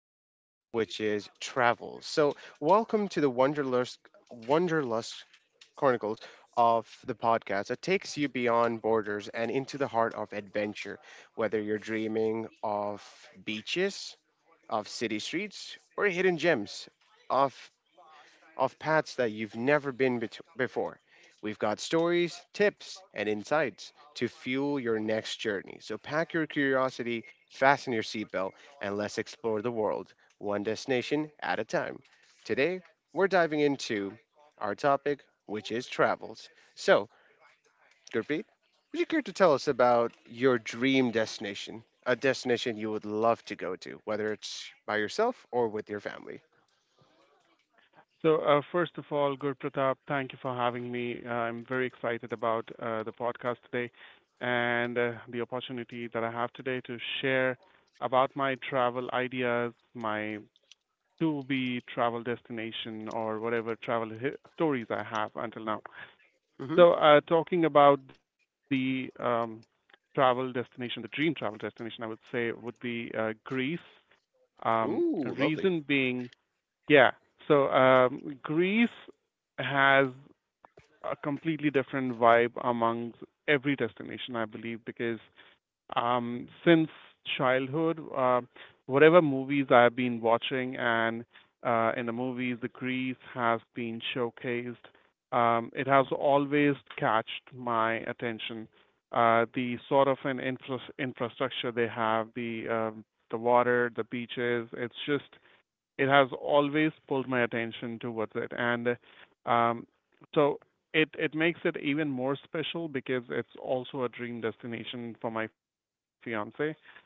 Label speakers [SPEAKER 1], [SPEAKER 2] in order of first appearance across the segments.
[SPEAKER 1] our topic, which is travel. So welcome to the Wonderlust Chronicles of the podcast that takes you beyond borders and into the heart of adventure, whether you're dreaming of beaches, of city streets, or hidden gems of of paths that you've never before. We've got stories, tips, and insights to fuel your next journey. So pack your curiosity, fasten your seatbelt, and let's explore the world one destination at a time. Today, we're diving into our topic, which is travels. So, Gurpreet, would you care to tell us about your dream destination? A destination you would love to go to, whether it's by yourself or with your family.
[SPEAKER 2] So, first of all, Gurpratap, thank you for having me. I'm very excited about the podcast today and the opportunity that I have today to share about my travel ideas, my to-be travel destination, or whatever stories I have until now.
[SPEAKER 1] Hmm
[SPEAKER 2] So, talking about the travel destination, the dream travel destination, I would say would be Greece. Um,
[SPEAKER 1] Ooh, lovely.
[SPEAKER 2] Reason being, yeah. So Greece has a completely different vibe amongst every destination, I believe, because since childhood, whatever movies I've been watching, and in the movies, the Greece has been showcased. It has always catched my attention. The sort of an infrastructure they have, the water, the beaches, it has always pulled my attention towards it, and um, so it makes it even more special because it's also a dream destination for my fiance. So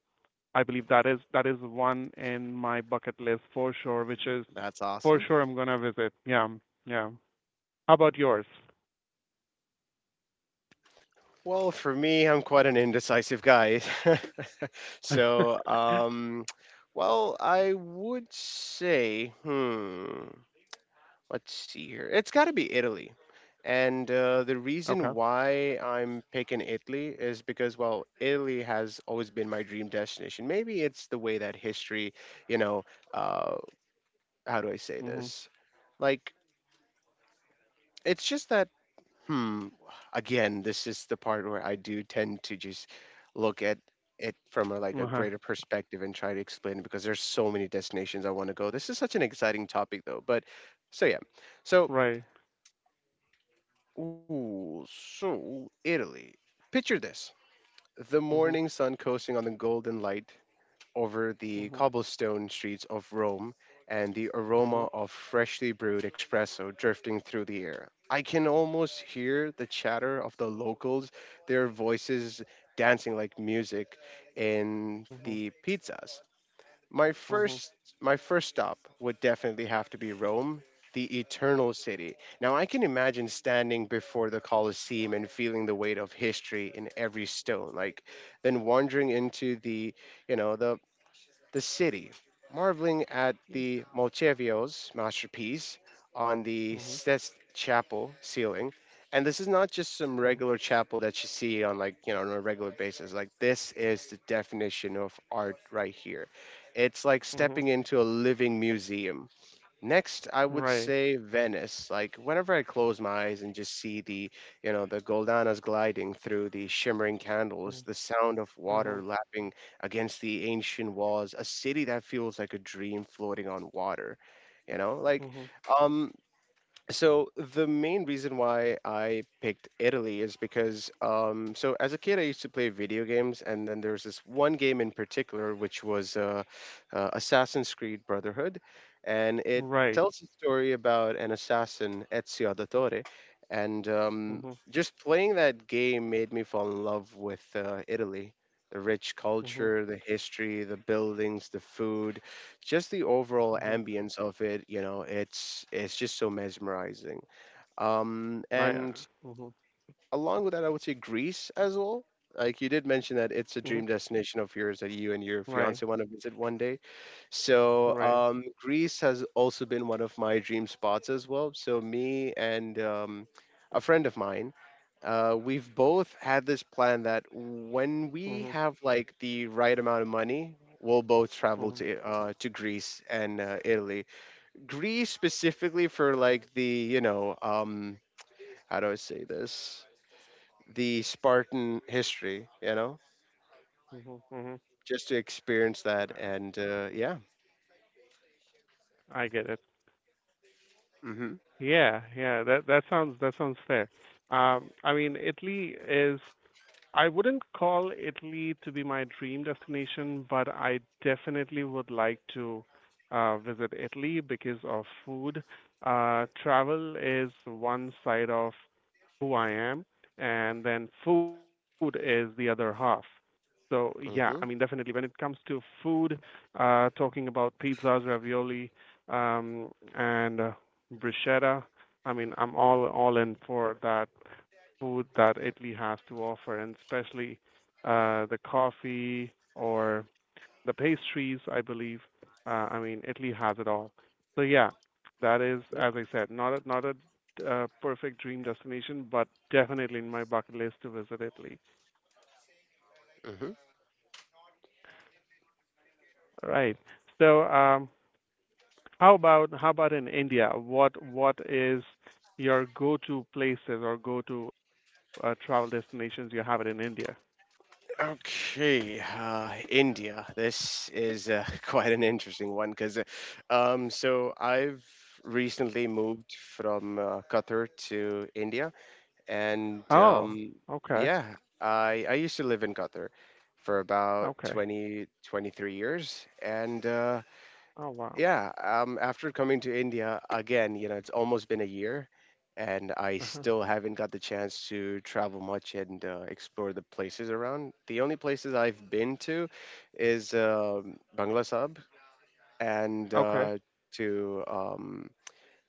[SPEAKER 2] I believe that is one in my bucket list for sure, which is
[SPEAKER 1] That's
[SPEAKER 2] for
[SPEAKER 1] awesome.
[SPEAKER 2] sure I'm gonna visit. Yeah, yeah. How about yours?
[SPEAKER 1] Well, for me, I'm quite an indecisive guy.
[SPEAKER 2] Okay.
[SPEAKER 1] So, um, well, I would say, let's see here. It's got to be Italy. And the reason why I'm picking Italy is because, well, Italy has always been my dream destination. Maybe it's the way that history, you know, uh, how do I say
[SPEAKER 2] Mhm.
[SPEAKER 1] this? Like, it's just that Hmm. Again, this is the part where I do tend to just look at it from a, like a
[SPEAKER 2] Uh huh.
[SPEAKER 1] greater perspective and try to explain it because there's so many destinations I want to go. This is such an exciting topic though. But so yeah.
[SPEAKER 2] Right.
[SPEAKER 1] So ooh, so Italy. Picture this. The
[SPEAKER 2] Mhm.
[SPEAKER 1] morning sun coasting on the golden light, over the
[SPEAKER 2] Mhm.
[SPEAKER 1] cobblestone streets of Rome and the aroma
[SPEAKER 2] Mhm.
[SPEAKER 1] of freshly brewed espresso drifting through the air. I can almost hear the chatter of the locals, their voices dancing like music in
[SPEAKER 2] Mhm.
[SPEAKER 1] the pizzas. My
[SPEAKER 2] Mhm.
[SPEAKER 1] first my first stop would definitely have to be Rome, the eternal city. Now I can imagine standing before the Colosseum and feeling the weight of history in every stone, like then wandering into you know the the city, marveling at the Malchevios masterpiece on the
[SPEAKER 2] Mhm.
[SPEAKER 1] Sest Chapel ceiling. And this is not just
[SPEAKER 2] Mhm.
[SPEAKER 1] some regular chapel that you see on like, you know, on a regular basis. Like this is the definition of art right here. It's like
[SPEAKER 2] Mhm.
[SPEAKER 1] stepping into a living museum. Next, I would
[SPEAKER 2] Right.
[SPEAKER 1] say Venice. Like whenever I close my eyes and just see the Goldanas gliding through the shimmering candles,
[SPEAKER 2] Mm-hmm.
[SPEAKER 1] the sound of water
[SPEAKER 2] Mhm,
[SPEAKER 1] lapping against the ancient walls, a city that feels like a dream floating on water. You know, like,
[SPEAKER 2] mhm.
[SPEAKER 1] um, so the main reason why I picked Italy is because so as a kid I used to play video games, and then there was this one game in particular which was Assassin's Creed Brotherhood, and it
[SPEAKER 2] Right.
[SPEAKER 1] tells a story about an assassin Ezio Auditore, and
[SPEAKER 2] Mhm,
[SPEAKER 1] just playing that game made me fall in love with Italy, the rich
[SPEAKER 2] mhm,
[SPEAKER 1] culture, the history, the buildings, the food, just the overall
[SPEAKER 2] mhm.
[SPEAKER 1] ambience of it, you know, it's just so mesmerizing. Um,
[SPEAKER 2] I
[SPEAKER 1] and
[SPEAKER 2] mhm,
[SPEAKER 1] along with that, I would say Greece as well. Like you did mention that
[SPEAKER 2] mhm.
[SPEAKER 1] it's a dream destination of yours that you and your
[SPEAKER 2] Right,
[SPEAKER 1] fiance want to visit one day. So
[SPEAKER 2] right.
[SPEAKER 1] um, Greece has also been one of my dream spots as well. So me and a friend of mine we've both had this plan that when we
[SPEAKER 2] Mhm,
[SPEAKER 1] have like the right amount of money, we'll both travel
[SPEAKER 2] mhm,
[SPEAKER 1] to to Greece and Italy. Greece specifically for like the you know how do I say this? The Spartan history, you know,
[SPEAKER 2] mhm, mhm.
[SPEAKER 1] just to experience that
[SPEAKER 2] Uh,
[SPEAKER 1] and yeah.
[SPEAKER 2] I get it.
[SPEAKER 1] Mm-hmm.
[SPEAKER 2] Yeah, yeah. That sounds fair. I mean, Italy is I wouldn't call Italy to be my dream destination, but I definitely would like to visit Italy because of food. Travel is one side of who I am, and then food is the other half. So yeah, I mean
[SPEAKER 1] Mm-hmm.
[SPEAKER 2] definitely when it comes to food, talking about pizzas, ravioli, um, and bruschetta, I mean I'm all in for that food that Italy has to offer, and especially the coffee or the pastries, I believe. I mean, Italy has it all. So yeah, that is,
[SPEAKER 1] Yep.
[SPEAKER 2] as I said, not a perfect dream destination, but definitely in my bucket list to visit Italy.
[SPEAKER 1] hmm
[SPEAKER 2] All right. So, how about in India? What is your go-to places or go-to travel destinations you have it in India?
[SPEAKER 1] Okay, India. This is quite an interesting one because, so I've recently moved from Qatar to India, and
[SPEAKER 2] Oh, okay,
[SPEAKER 1] yeah, I used to live in Qatar for about
[SPEAKER 2] okay.
[SPEAKER 1] twenty twenty three years, and
[SPEAKER 2] Oh wow.
[SPEAKER 1] yeah, after coming to India again, you know, it's almost been a year, and I
[SPEAKER 2] Uh-huh.
[SPEAKER 1] still haven't got the chance to travel much and explore the places around. The only places I've been to is Bangla Sab and
[SPEAKER 2] Okay.
[SPEAKER 1] to um,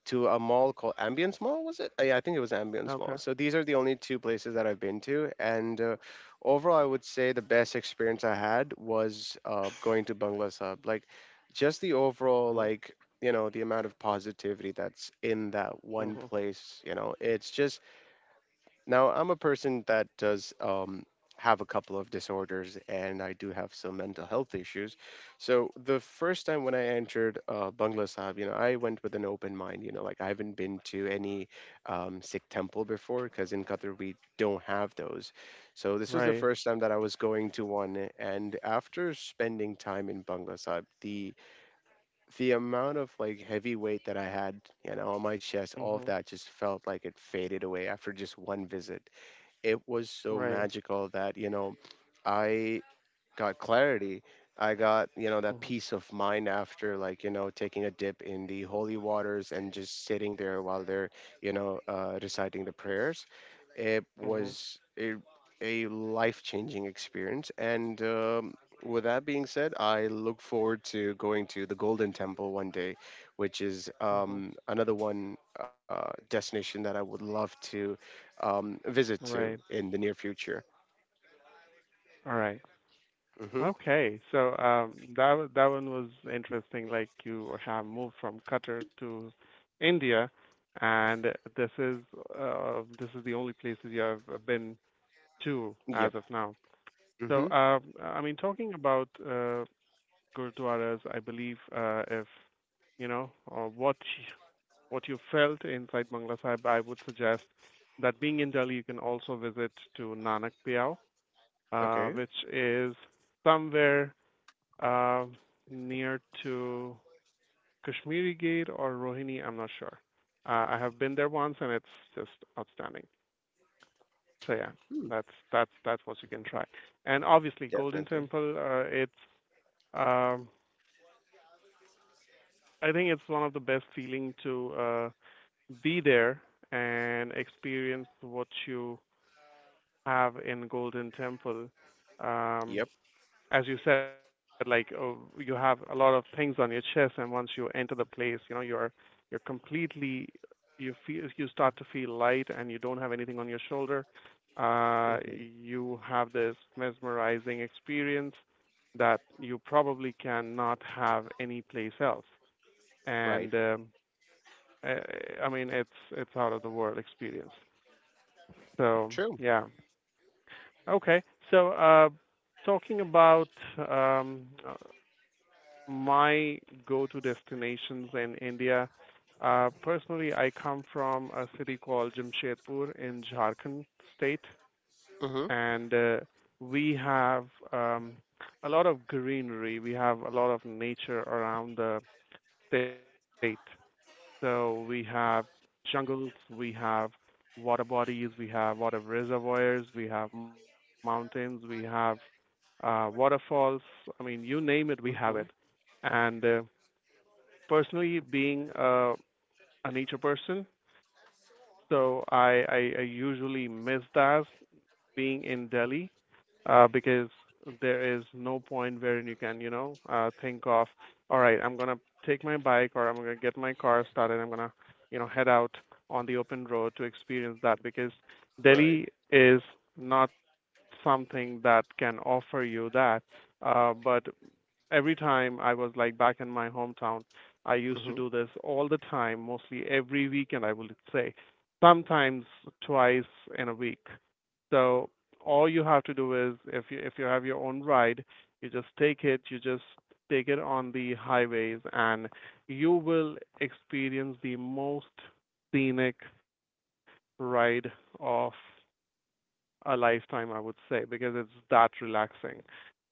[SPEAKER 1] to a mall called Ambience Mall, was it? Yeah, I think it was Ambience Mall.
[SPEAKER 2] Okay.
[SPEAKER 1] So these are the only two places that I've been to, and overall, I would say the best experience I had was going to Bangla Sahib. Like, just the overall,
[SPEAKER 2] Mhm.
[SPEAKER 1] like you know, the amount of positivity that's in that one
[SPEAKER 2] Mhm.
[SPEAKER 1] place. You know, it's just now, I'm a person that does have a couple of disorders and I do have some mental health issues. So, the first time when I entered Bangla Sahib, you know, I went with an open mind. You know, like I haven't been to any Sikh temple before because in Qatar we don't have those. So, this was the
[SPEAKER 2] Right.
[SPEAKER 1] first time that I was going to one. And after spending time in Bangla Sahib, the amount of like heavy weight that I had, you know, on my chest, all of
[SPEAKER 2] Mhm.
[SPEAKER 1] that just felt like it faded away after just one visit. It was so
[SPEAKER 2] Right.
[SPEAKER 1] magical that, you know, I got clarity. I got, you know, that
[SPEAKER 2] Mhm.
[SPEAKER 1] peace of mind after like, you know, taking a dip in the holy waters and just sitting there while they're, you know, reciting the prayers. It
[SPEAKER 2] Mhm.
[SPEAKER 1] was a life-changing experience. And With that being said, I look forward to going to the Golden Temple one day, which is
[SPEAKER 2] Mhm.
[SPEAKER 1] another one destination that I would love to visit to
[SPEAKER 2] Right.
[SPEAKER 1] in the near future.
[SPEAKER 2] All right.
[SPEAKER 1] Hmm
[SPEAKER 2] Okay. So that one was interesting. Like you have moved from Qatar to India, and this is this is the only places you have been to
[SPEAKER 1] Yep.
[SPEAKER 2] as of now.
[SPEAKER 1] hmm
[SPEAKER 2] So I mean, talking about gurdwaras, I believe if you know, or what you felt inside Bangla Sahib, I would suggest that being in Delhi, you can also visit to Nanak Piao,
[SPEAKER 1] Okay.
[SPEAKER 2] which is somewhere uh, near to Kashmiri Gate or Rohini. I'm not sure. I have been there once, and it's just outstanding. So yeah, that's what you can try. And obviously, Golden
[SPEAKER 1] Definitely.
[SPEAKER 2] Temple. It's um, I think it's one of the best feeling to be there and experience what you have in Golden Temple? Um,
[SPEAKER 1] Yep.
[SPEAKER 2] as you said, like oh, you have a lot of things on your chest, and once you enter the place, you know you're completely, you feel, you start to feel light, and you don't have anything on your shoulder.
[SPEAKER 1] hmm
[SPEAKER 2] You have this mesmerizing experience that you probably cannot have any place else.
[SPEAKER 1] Right.
[SPEAKER 2] And I, I mean, it's out of the world experience. So
[SPEAKER 1] True.
[SPEAKER 2] yeah. Okay. So, talking about um, uh, my go-to destinations in India, personally, I come from a city called Jamshedpur in Jharkhand state,
[SPEAKER 1] Hmm
[SPEAKER 2] and we have um, a lot of greenery. We have a lot of nature around the state. So we have jungles, we have water bodies, we have water reservoirs, we have mountains, we have waterfalls. I mean, you name it, we
[SPEAKER 1] hmm
[SPEAKER 2] have it. And personally, being a nature person, so I usually miss that being in Delhi because there is no point wherein you can, think of, all right, I'm gonna take my bike or I'm gonna get my car started. I'm gonna, head out on the open road to experience that because
[SPEAKER 1] Right.
[SPEAKER 2] Delhi is not something that can offer you that. But every time I was like back in my hometown, I
[SPEAKER 1] hmm
[SPEAKER 2] used to do this all the time, mostly every weekend, I would say, sometimes twice in a week. So all you have to do is if you have your own ride, you just take it on the highways, and you will experience the most scenic ride of a lifetime, I would say, because it's that relaxing.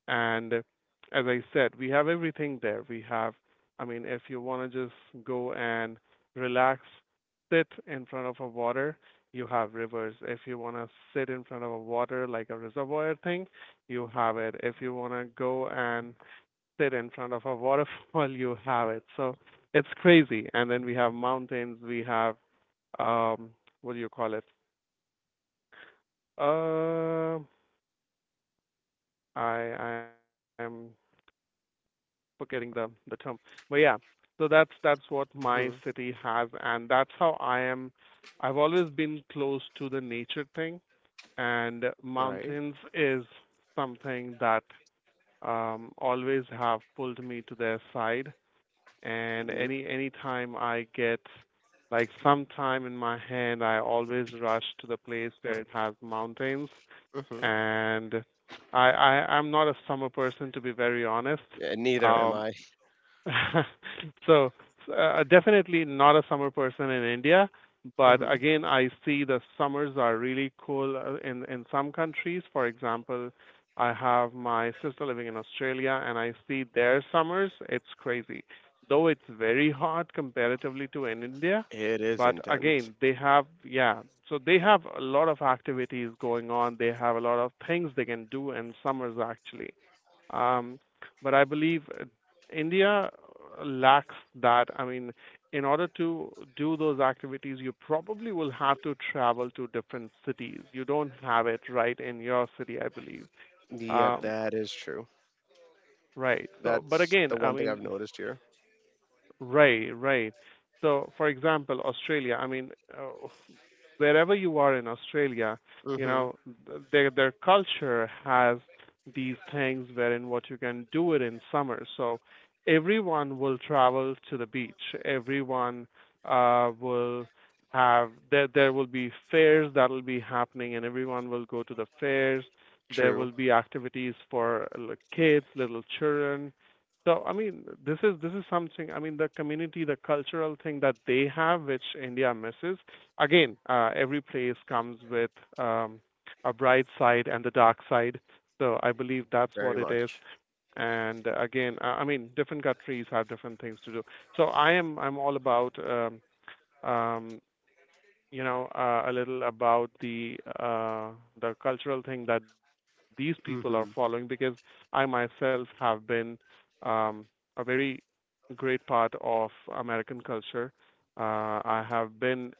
[SPEAKER 2] And as I said, we have everything there. We have, I mean, if you want to just go and relax, sit in front of a water, you have rivers. If you want to sit in front of a water like a reservoir thing, you have it. If you want to go and sit in front of a waterfall, you have it. So it's crazy. And then we have mountains. We have um, what do you call it? Uh, I am forgetting the term. But yeah, so that's what my
[SPEAKER 1] hmm
[SPEAKER 2] city has, and that's how I am. I've always been close to the nature thing, and
[SPEAKER 1] Right.
[SPEAKER 2] mountains is something that always have pulled me to their side. And
[SPEAKER 1] Yep.
[SPEAKER 2] any time I get like some time in my hand, I always rush to the place where it has mountains.
[SPEAKER 1] hmm
[SPEAKER 2] And I, I I'm not a summer person to be very honest.
[SPEAKER 1] Yeah, neither am
[SPEAKER 2] Um,
[SPEAKER 1] I.
[SPEAKER 2] So, definitely not a summer person in India, but
[SPEAKER 1] hmm
[SPEAKER 2] again, I see the summers are really cool in some countries. For example, I have my sister living in Australia, and I see their summers. It's crazy. Though it's very hot comparatively to in India,
[SPEAKER 1] It is
[SPEAKER 2] but
[SPEAKER 1] intense.
[SPEAKER 2] again, yeah, so they have a lot of activities going on. They have a lot of things they can do in summers actually. Um, but I believe India lacks that. I mean, in order to do those activities, you probably will have to travel to different cities. You don't have it right in your city, I believe.
[SPEAKER 1] Yep,
[SPEAKER 2] Um,
[SPEAKER 1] that is true.
[SPEAKER 2] right. So, but
[SPEAKER 1] That's
[SPEAKER 2] again,
[SPEAKER 1] the
[SPEAKER 2] I
[SPEAKER 1] one thing
[SPEAKER 2] mean,
[SPEAKER 1] I've noticed here.
[SPEAKER 2] right, right. So, for example, Australia. I mean, uh, wherever you are in Australia, you
[SPEAKER 1] Hmm
[SPEAKER 2] know, their culture has these things wherein what you can do it in summer. So everyone will travel to the beach. Everyone will have there there will be fairs that will be happening, and everyone will go to the fairs. There
[SPEAKER 1] True.
[SPEAKER 2] will be activities for like, kids, little children. So I mean, this is something. I mean, the community, the cultural thing that they have, which India misses again, every place comes with um, a bright side and the dark side. So I believe
[SPEAKER 1] Very
[SPEAKER 2] that's what it
[SPEAKER 1] much.
[SPEAKER 2] is. And again, I mean, different countries have different things to do. So I'm all about um, a little about the cultural thing that these people are following because
[SPEAKER 1] Hmm
[SPEAKER 2] I myself have been um, a very a great part of American culture. I have been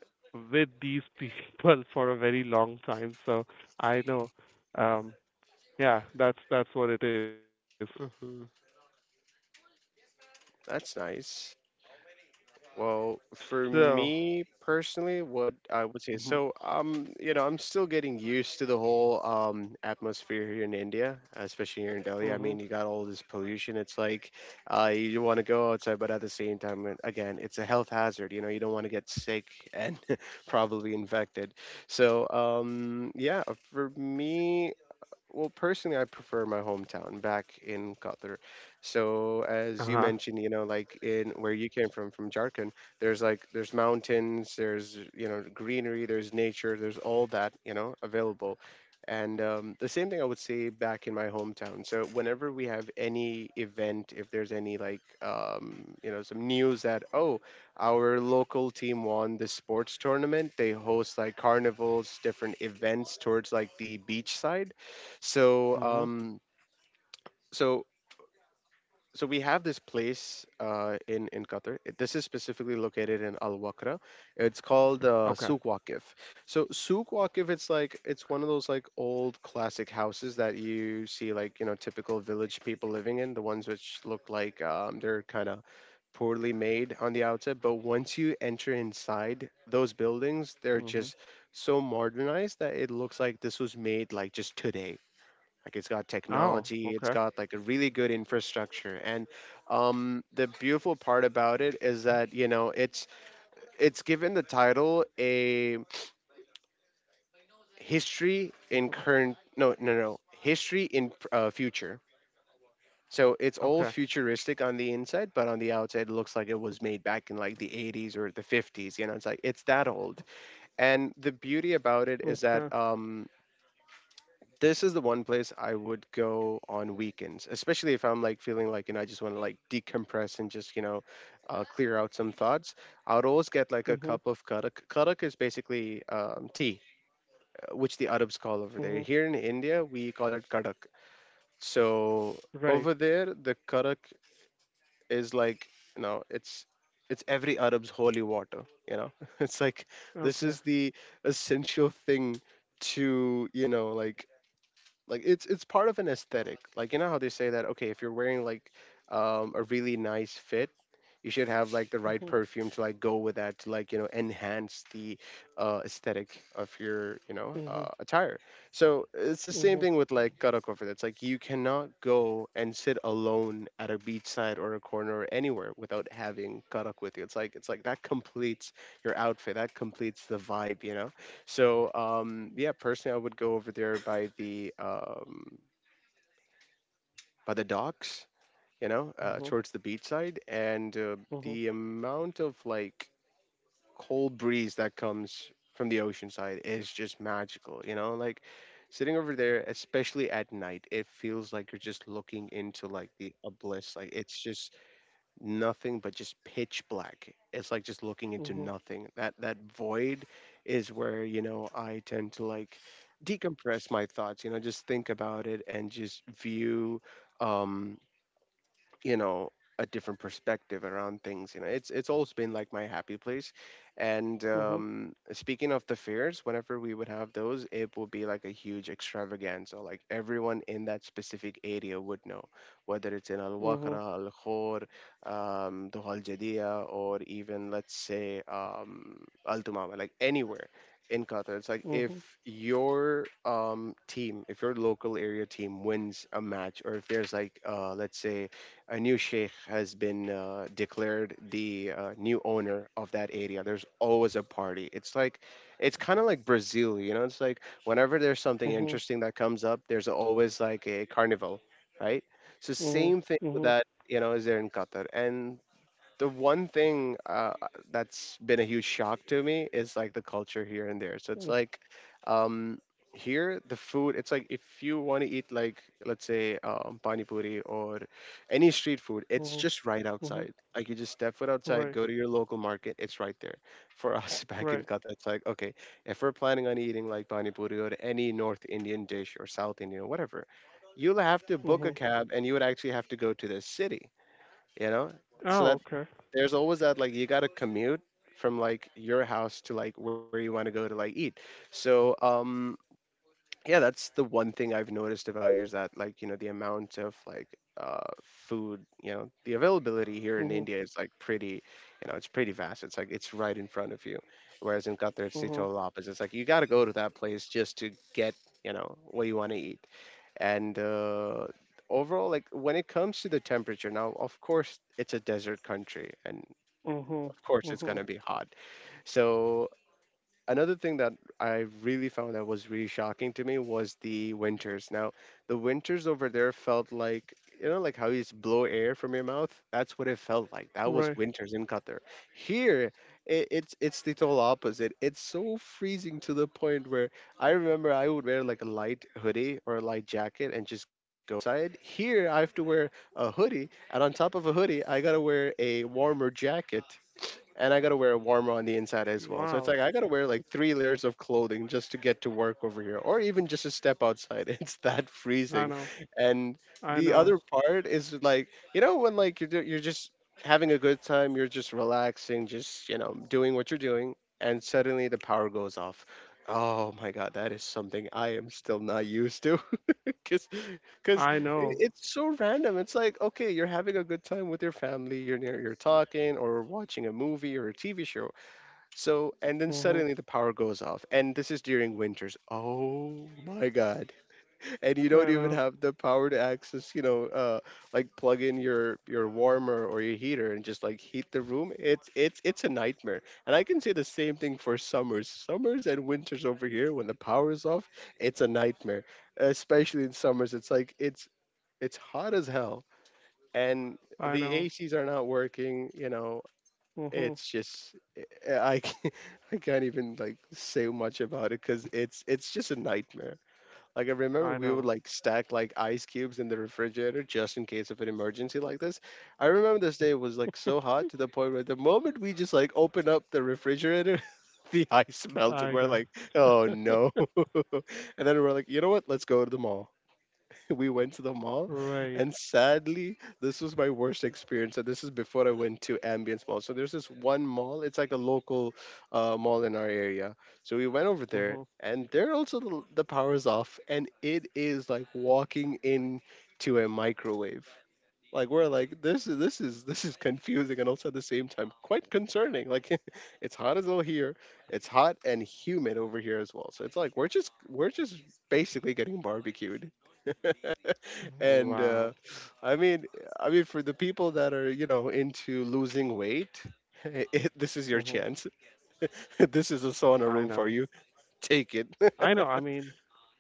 [SPEAKER 2] with these people for a very long time, so I know. Um, yeah, that's what it is.
[SPEAKER 1] hmm That's nice. Well, for
[SPEAKER 2] So,
[SPEAKER 1] me personally, what
[SPEAKER 2] mhm,
[SPEAKER 1] I would say, so you know, I'm still getting used to the whole atmosphere here in India, especially here in Delhi. I
[SPEAKER 2] mhm,
[SPEAKER 1] mean, you got all this pollution. It's like, you want to go outside, but at the same time, again, it's a health hazard. You know, you don't want to get sick and probably infected. So, yeah, for me, well, personally, I prefer my hometown back in Qatar. So, as
[SPEAKER 2] uh
[SPEAKER 1] you
[SPEAKER 2] huh,
[SPEAKER 1] mentioned, you know, like in where you came from Jharkhand, there's like there's mountains, there's you know greenery, there's nature, there's all that you know available. And the same thing I would say back in my hometown. So whenever we have any event, if there's any like you know some news that oh our local team won this sports tournament, they host like carnivals, different events towards like the beach side, so
[SPEAKER 2] mhm,
[SPEAKER 1] so we have this place in Qatar. It- This is specifically located in Al Waqra. It's called
[SPEAKER 2] okay,
[SPEAKER 1] Souq Waqif. So Souq Waqif, it's like it's one of those like old classic houses that you see like you know typical village people living in. The ones which look like they're kind of poorly made on the outside, but once you enter inside those buildings, they're
[SPEAKER 2] mhm.
[SPEAKER 1] just so modernized that it looks like this was made like just today, like it's got
[SPEAKER 2] Oh,
[SPEAKER 1] technology, it's
[SPEAKER 2] okay,
[SPEAKER 1] got like a really good infrastructure, and the beautiful part about it is that you know it's given the title a history in
[SPEAKER 2] mhm,
[SPEAKER 1] current, no no no, history in future. So it's
[SPEAKER 2] okay,
[SPEAKER 1] all futuristic on the inside, but on the outside it looks like it was made back in like the 80s or the 50s. You know, it's like it's that old. And the beauty about
[SPEAKER 2] okay,
[SPEAKER 1] it is that this is the one place I would go on weekends, especially if I'm like feeling like, you know, I just want to like decompress and just, you know, clear out some thoughts. I would always get like a
[SPEAKER 2] mhm,
[SPEAKER 1] cup of karak. Karak is basically tea, which the Arabs
[SPEAKER 2] mhm.
[SPEAKER 1] call over there. Here in India, we call it karak. So
[SPEAKER 2] Right,
[SPEAKER 1] over there, the karak is like, you know, it's every Arab's holy water. You know, it's like this
[SPEAKER 2] okay,
[SPEAKER 1] is the essential thing to, it's part of an aesthetic. Like you know how they say that, okay, if you're wearing like a really nice fit, you should have like the right
[SPEAKER 2] mhm,
[SPEAKER 1] perfume to like go with that, to like, you know, enhance the aesthetic of your, you know,
[SPEAKER 2] mhm,
[SPEAKER 1] attire. So it's the same
[SPEAKER 2] mhm,
[SPEAKER 1] thing with like karaoke for That's like you cannot go and sit alone at a beachside or a corner or anywhere without having karak with you. It's like, it's like that completes your outfit, that completes the vibe, you know. So yeah, personally, I would go over there by the docks, you know,
[SPEAKER 2] mhm,
[SPEAKER 1] towards the beach side, and
[SPEAKER 2] mhm,
[SPEAKER 1] the amount of like cold breeze that comes from the ocean side is just magical, you know, like sitting over there, especially at night, it feels like you're just looking into like the abyss, like it's just nothing but just pitch black. It's like just looking
[SPEAKER 2] mhm,
[SPEAKER 1] into
[SPEAKER 2] mhm,
[SPEAKER 1] nothing. That void is where, you know, I tend to like decompress my thoughts, you know, just think about it and just view um you know a different perspective around things, you know. It's always been like my happy place. And
[SPEAKER 2] mhm,
[SPEAKER 1] speaking of the fairs, whenever we would have those, it would be like a huge extravaganza. Like everyone in that specific area would know, whether it's in al waqra, al khor, Duhal jadia, or even let's say al tumama, like anywhere in qatar. It's like
[SPEAKER 2] mhm, mhm,
[SPEAKER 1] if your team, if your local area team wins a match, or if there's like let's say a new sheikh has been declared the new owner of that area, there's always a party. It's like it's kind of like Brazil, you know. It's like whenever there's something
[SPEAKER 2] mhm,
[SPEAKER 1] interesting that comes up, there's always like a carnival, right? So
[SPEAKER 2] mhm.
[SPEAKER 1] same thing with
[SPEAKER 2] Mhm.
[SPEAKER 1] that, you know, is there in Qatar. And the one thing that's been a huge shock to me is like the culture here
[SPEAKER 2] Mm.
[SPEAKER 1] and there. So it's like um, here the food. It's like if you want to eat like, let's say, pani puri or any street food, it's
[SPEAKER 2] Mhm.
[SPEAKER 1] just right
[SPEAKER 2] Mhm.
[SPEAKER 1] outside. Like you just step foot outside,
[SPEAKER 2] Right.
[SPEAKER 1] go to your local market, it's right there. For us, back in
[SPEAKER 2] Right.
[SPEAKER 1] Qatar, it's like, okay, if we're planning on eating like pani puri or any North Indian dish or South Indian whatever, you'll have to book a
[SPEAKER 2] Mhm.
[SPEAKER 1] cab and you would actually have to go to the city, you know. So
[SPEAKER 2] Oh,
[SPEAKER 1] that,
[SPEAKER 2] okay.
[SPEAKER 1] there's always that like you gotta commute from like your house to like where you want to go to like eat. So yeah, that's the one thing I've noticed about you, is that like, you know, the amount of like food, you know, the availability here in
[SPEAKER 2] Mhm.
[SPEAKER 1] India is like pretty, you know, it's pretty vast. It's like it's right in front of you. Whereas in Qatar, it's the
[SPEAKER 2] Mhm.
[SPEAKER 1] total opposite. It's like you got to go to that place just to get, you know, what you want to eat. And overall, like when it comes to the temperature, now, of course, it's a desert country, and
[SPEAKER 2] Mhm.
[SPEAKER 1] of course it's going
[SPEAKER 2] Mhm.
[SPEAKER 1] to be hot. So another thing that I really found that was really shocking to me was the winters. Now, the winters over there felt like, you know, like how you just blow air from your mouth. That's what it felt like. That was
[SPEAKER 2] Right.
[SPEAKER 1] winters in Qatar. Here, it's the total opposite. It's so freezing to the point where I remember I would wear like a light hoodie or a light jacket and just go outside. Here, I have to wear a hoodie, and on top of a hoodie, I gotta wear a warmer jacket, and I gotta wear a warmer on the inside as well. So it's
[SPEAKER 2] Wow.
[SPEAKER 1] like I gotta wear like three layers of clothing just to get to work over here, or even just to step outside. It's that
[SPEAKER 2] I
[SPEAKER 1] freezing.
[SPEAKER 2] know.
[SPEAKER 1] And
[SPEAKER 2] I
[SPEAKER 1] the other
[SPEAKER 2] know.
[SPEAKER 1] part is like, you know, when like you're just having a good time, you're just relaxing, just, you know, doing what you're doing, and suddenly the power goes off. Oh my god, that is something I am still not used to. Because
[SPEAKER 2] I know.
[SPEAKER 1] it's so random. It's like, okay, you're having a good time with your family, you're near, you're talking or watching a movie or a TV show. So, and then
[SPEAKER 2] Mhm.
[SPEAKER 1] suddenly the power goes off. And this is during winters. Oh my God. And you don't
[SPEAKER 2] I
[SPEAKER 1] even
[SPEAKER 2] know.
[SPEAKER 1] have the power to access, you know, like plug in your warmer or your heater and just like heat the room. It's a nightmare. And I can say the same thing for summers. Summers and winters over here, when the power is off, it's a nightmare, especially in summers. It's it's hot as hell, and
[SPEAKER 2] I
[SPEAKER 1] the
[SPEAKER 2] know.
[SPEAKER 1] ACs are not working. You know,
[SPEAKER 2] Mhm.
[SPEAKER 1] it's just I can't, I can't even like say much about it, because it's just a nightmare. Like I remember
[SPEAKER 2] I
[SPEAKER 1] we would
[SPEAKER 2] know.
[SPEAKER 1] like stack like ice cubes in the refrigerator just in case of an emergency like this. I remember this day was like so hot to the point where the moment we just like open up the refrigerator, the ice melted.
[SPEAKER 2] I
[SPEAKER 1] We're
[SPEAKER 2] know.
[SPEAKER 1] like, oh no. And then we're like, you know what? Let's go to the mall. We went to the
[SPEAKER 2] Right.
[SPEAKER 1] mall, and sadly, this was my worst experience. And this is before I went to Ambience Mall. So there's this one mall. It's like a local mall in our area. So we went over there,
[SPEAKER 2] Mhm.
[SPEAKER 1] and there also the power's off, and it is like walking in to a microwave. Like we're like, this is confusing and also at the same time quite concerning. Like it's hot as hell here. It's hot and humid over here as well. So it's like we're just basically getting barbecued. And
[SPEAKER 2] Wow.
[SPEAKER 1] I mean, I mean, for the people that are, you know, into losing weight, this is your
[SPEAKER 2] Mhm.
[SPEAKER 1] chance. This is a sauna
[SPEAKER 2] I
[SPEAKER 1] room for
[SPEAKER 2] know.
[SPEAKER 1] you. Take it.
[SPEAKER 2] I know. I mean,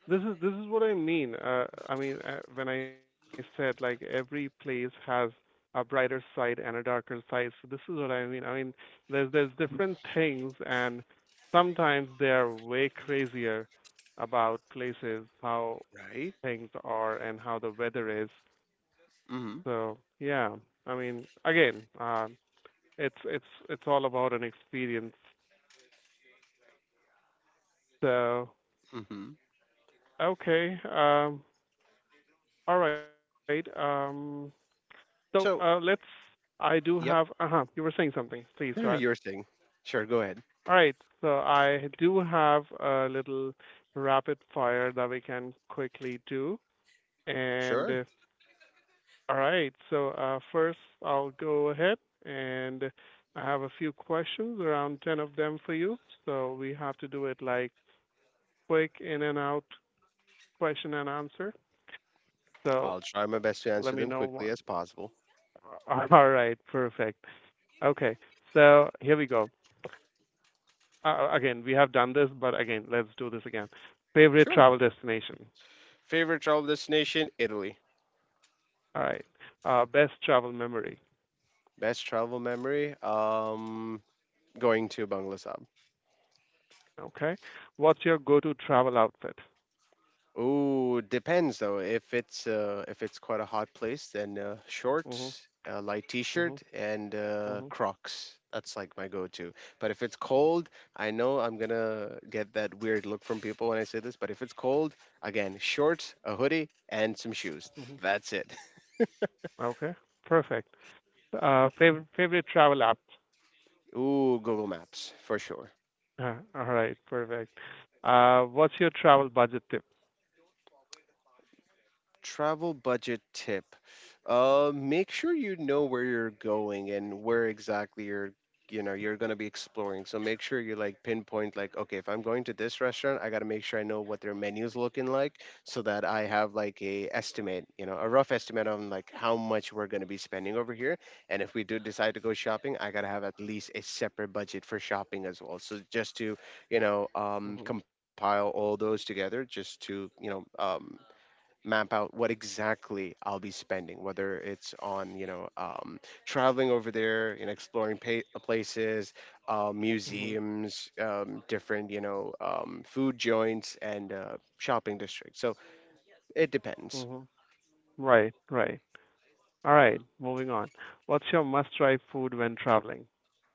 [SPEAKER 2] this is what I mean. I mean, when I said like every place has a brighter side and a darker side, so this is what I mean. I mean, there's different things, and sometimes they are way crazier about places, how
[SPEAKER 1] Right?
[SPEAKER 2] things are, and how the weather is.
[SPEAKER 1] Mm.
[SPEAKER 2] So yeah, I mean, again, it's all about an experience. So
[SPEAKER 1] Mhm. Mhm.
[SPEAKER 2] okay, all right. So
[SPEAKER 1] So,
[SPEAKER 2] let's. I do have.
[SPEAKER 1] yep.
[SPEAKER 2] Uh huh. You were saying something. Please go
[SPEAKER 1] No,
[SPEAKER 2] ahead.
[SPEAKER 1] no, you were saying. Sure, go ahead.
[SPEAKER 2] All right. So I do have a little rapid fire that we can quickly do. And
[SPEAKER 1] Sure.
[SPEAKER 2] all right. So first, I'll go ahead and I have a few questions, around 10 of them for you. So we have to do it like quick in and out question and answer. So
[SPEAKER 1] I'll try my best to
[SPEAKER 2] let
[SPEAKER 1] answer
[SPEAKER 2] me
[SPEAKER 1] them
[SPEAKER 2] know
[SPEAKER 1] quickly
[SPEAKER 2] one.
[SPEAKER 1] as possible.
[SPEAKER 2] All right. Perfect. Okay. So here we go. Again, we have done this, but again, let's do this again. Favorite
[SPEAKER 1] Sure.
[SPEAKER 2] travel destination.
[SPEAKER 1] Favorite travel destination? Italy.
[SPEAKER 2] All right. Best travel memory.
[SPEAKER 1] Best travel memory? Going to Bangladesh.
[SPEAKER 2] Okay. What's your go-to travel outfit?
[SPEAKER 1] Ooh, depends though. If it's quite a hot place, then
[SPEAKER 2] Mhm.
[SPEAKER 1] shorts, a light
[SPEAKER 2] Mhm.
[SPEAKER 1] t-shirt, and
[SPEAKER 2] Mhm.
[SPEAKER 1] Crocs. That's like my go-to. But if it's cold, I know I'm gonna get that weird look from people when I say this. But if it's cold, again, shorts, a hoodie, and some shoes.
[SPEAKER 2] Mhm.
[SPEAKER 1] That's it.
[SPEAKER 2] Okay. Perfect. Favorite travel app.
[SPEAKER 1] Ooh, Google Maps for sure.
[SPEAKER 2] All right. Perfect. What's your travel budget tip?
[SPEAKER 1] Travel budget tip. Make sure you know where you're going and where exactly you know you're going to be exploring. So make sure you like pinpoint, like, okay, if I'm going to this restaurant, I got to make sure I know what their menu's looking like, so that I have like a estimate, you know, a rough estimate on like how much we're going to be spending over here. And if we do decide to go shopping, I got to have at least a separate budget for shopping as well. So just to, you know,
[SPEAKER 2] Mhm.
[SPEAKER 1] compile all those together, just to, you know, map out what exactly I'll be spending, whether it's on, you know, traveling over there and exploring places,
[SPEAKER 2] Mhm.
[SPEAKER 1] museums, different, you know, food joints and shopping districts. So it depends.
[SPEAKER 2] Mhm. Right. Right. All right. Moving on. What's your must-try food when traveling?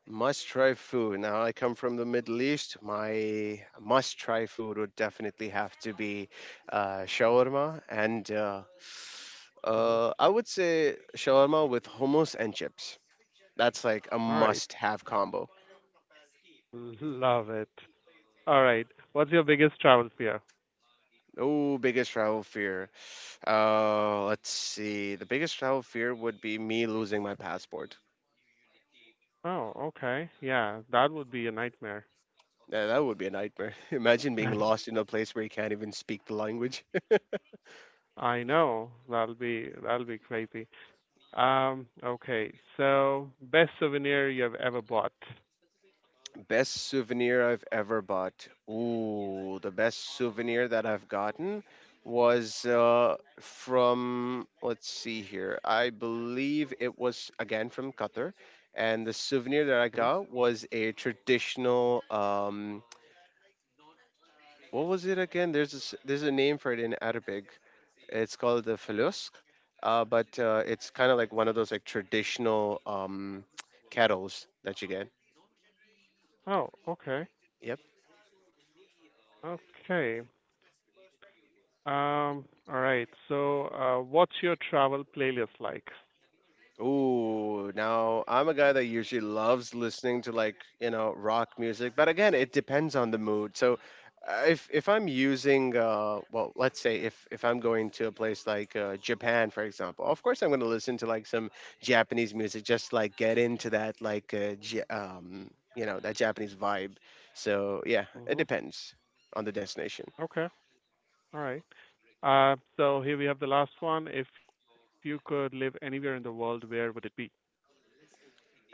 [SPEAKER 1] Must try food. Now, I come from the Middle East. My must try food would definitely have to be shawarma and
[SPEAKER 2] Mhm.
[SPEAKER 1] I would say shawarma with hummus and chips. That's like a
[SPEAKER 2] All right.
[SPEAKER 1] must-have combo.
[SPEAKER 2] Love it. All right. What's your biggest travel fear?
[SPEAKER 1] Oh, biggest travel fear. Let's see. The biggest travel fear would be me losing my passport.
[SPEAKER 2] Oh, okay. Yeah, that would be a nightmare.
[SPEAKER 1] Yeah, that would be a nightmare. Imagine being lost in a place where you can't even speak the language.
[SPEAKER 2] I know. That'll be crazy. Okay. So, best souvenir you have ever bought.
[SPEAKER 1] Best souvenir I've ever bought. Ooh, the best souvenir that I've gotten was from, let's see here, I believe it was again from Qatar. And the souvenir
[SPEAKER 2] Hmm.
[SPEAKER 1] that I got was a traditional what was it again? There's there's a name for it in Arabic. It's called the felusk, but it's kind of like one of those like traditional kettles that you get.
[SPEAKER 2] Oh, okay. Okay. All right. So, what's your travel playlist like?
[SPEAKER 1] Ooh, now I'm a guy that usually loves listening to like, you know, rock music, but again, it depends on the mood. So if I'm using well, let's say if I'm going to a place like Japan, for example, of course I'm going to listen to like some Japanese music, just like get into that like you know, that Japanese vibe. So yeah, it
[SPEAKER 2] Hmm.
[SPEAKER 1] depends on the destination.
[SPEAKER 2] Okay. All right. So here we have the last one. If you could live anywhere in the world, where would it be?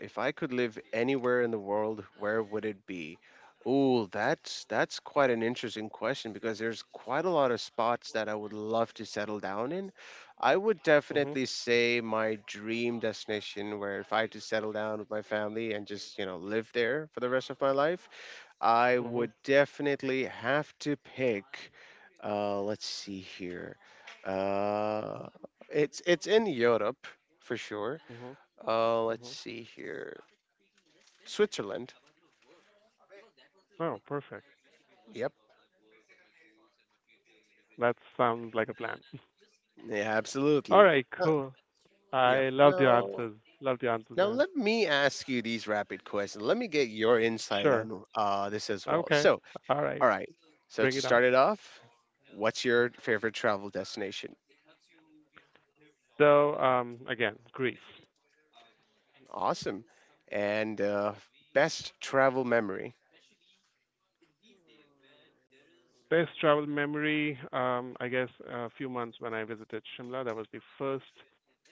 [SPEAKER 1] If I could live anywhere in the world, where would it be? Ooh, that's quite an interesting question, because there's quite a lot of spots that I would love to settle down in. I would
[SPEAKER 2] Hmm.
[SPEAKER 1] definitely say my dream destination where if I had to settle down with my family and just, you know, live there for the rest of my life, I
[SPEAKER 2] Hmm.
[SPEAKER 1] would definitely have to pick let's see here. Uh it's in Europe for sure.
[SPEAKER 2] Hmm.
[SPEAKER 1] Let's
[SPEAKER 2] Hmm.
[SPEAKER 1] see here. Switzerland.
[SPEAKER 2] Oh, perfect.
[SPEAKER 1] Yep.
[SPEAKER 2] That sounds like a plan.
[SPEAKER 1] Yeah,
[SPEAKER 2] All
[SPEAKER 1] absolutely.
[SPEAKER 2] right,
[SPEAKER 1] Uh,
[SPEAKER 2] cool.
[SPEAKER 1] yep.
[SPEAKER 2] I love the
[SPEAKER 1] No.
[SPEAKER 2] answers. Love the answers,
[SPEAKER 1] Now
[SPEAKER 2] man.
[SPEAKER 1] let me ask you these rapid questions. Let me get your insight
[SPEAKER 2] Sure.
[SPEAKER 1] on this as well.
[SPEAKER 2] Okay.
[SPEAKER 1] So,
[SPEAKER 2] All right,
[SPEAKER 1] all right.
[SPEAKER 2] bring it on.
[SPEAKER 1] So to start it off, what's your favorite travel destination?
[SPEAKER 2] So, again, Greece.
[SPEAKER 1] Awesome. And best travel memory.
[SPEAKER 2] Best travel memory, I guess a few months when I visited Shimla. That was the first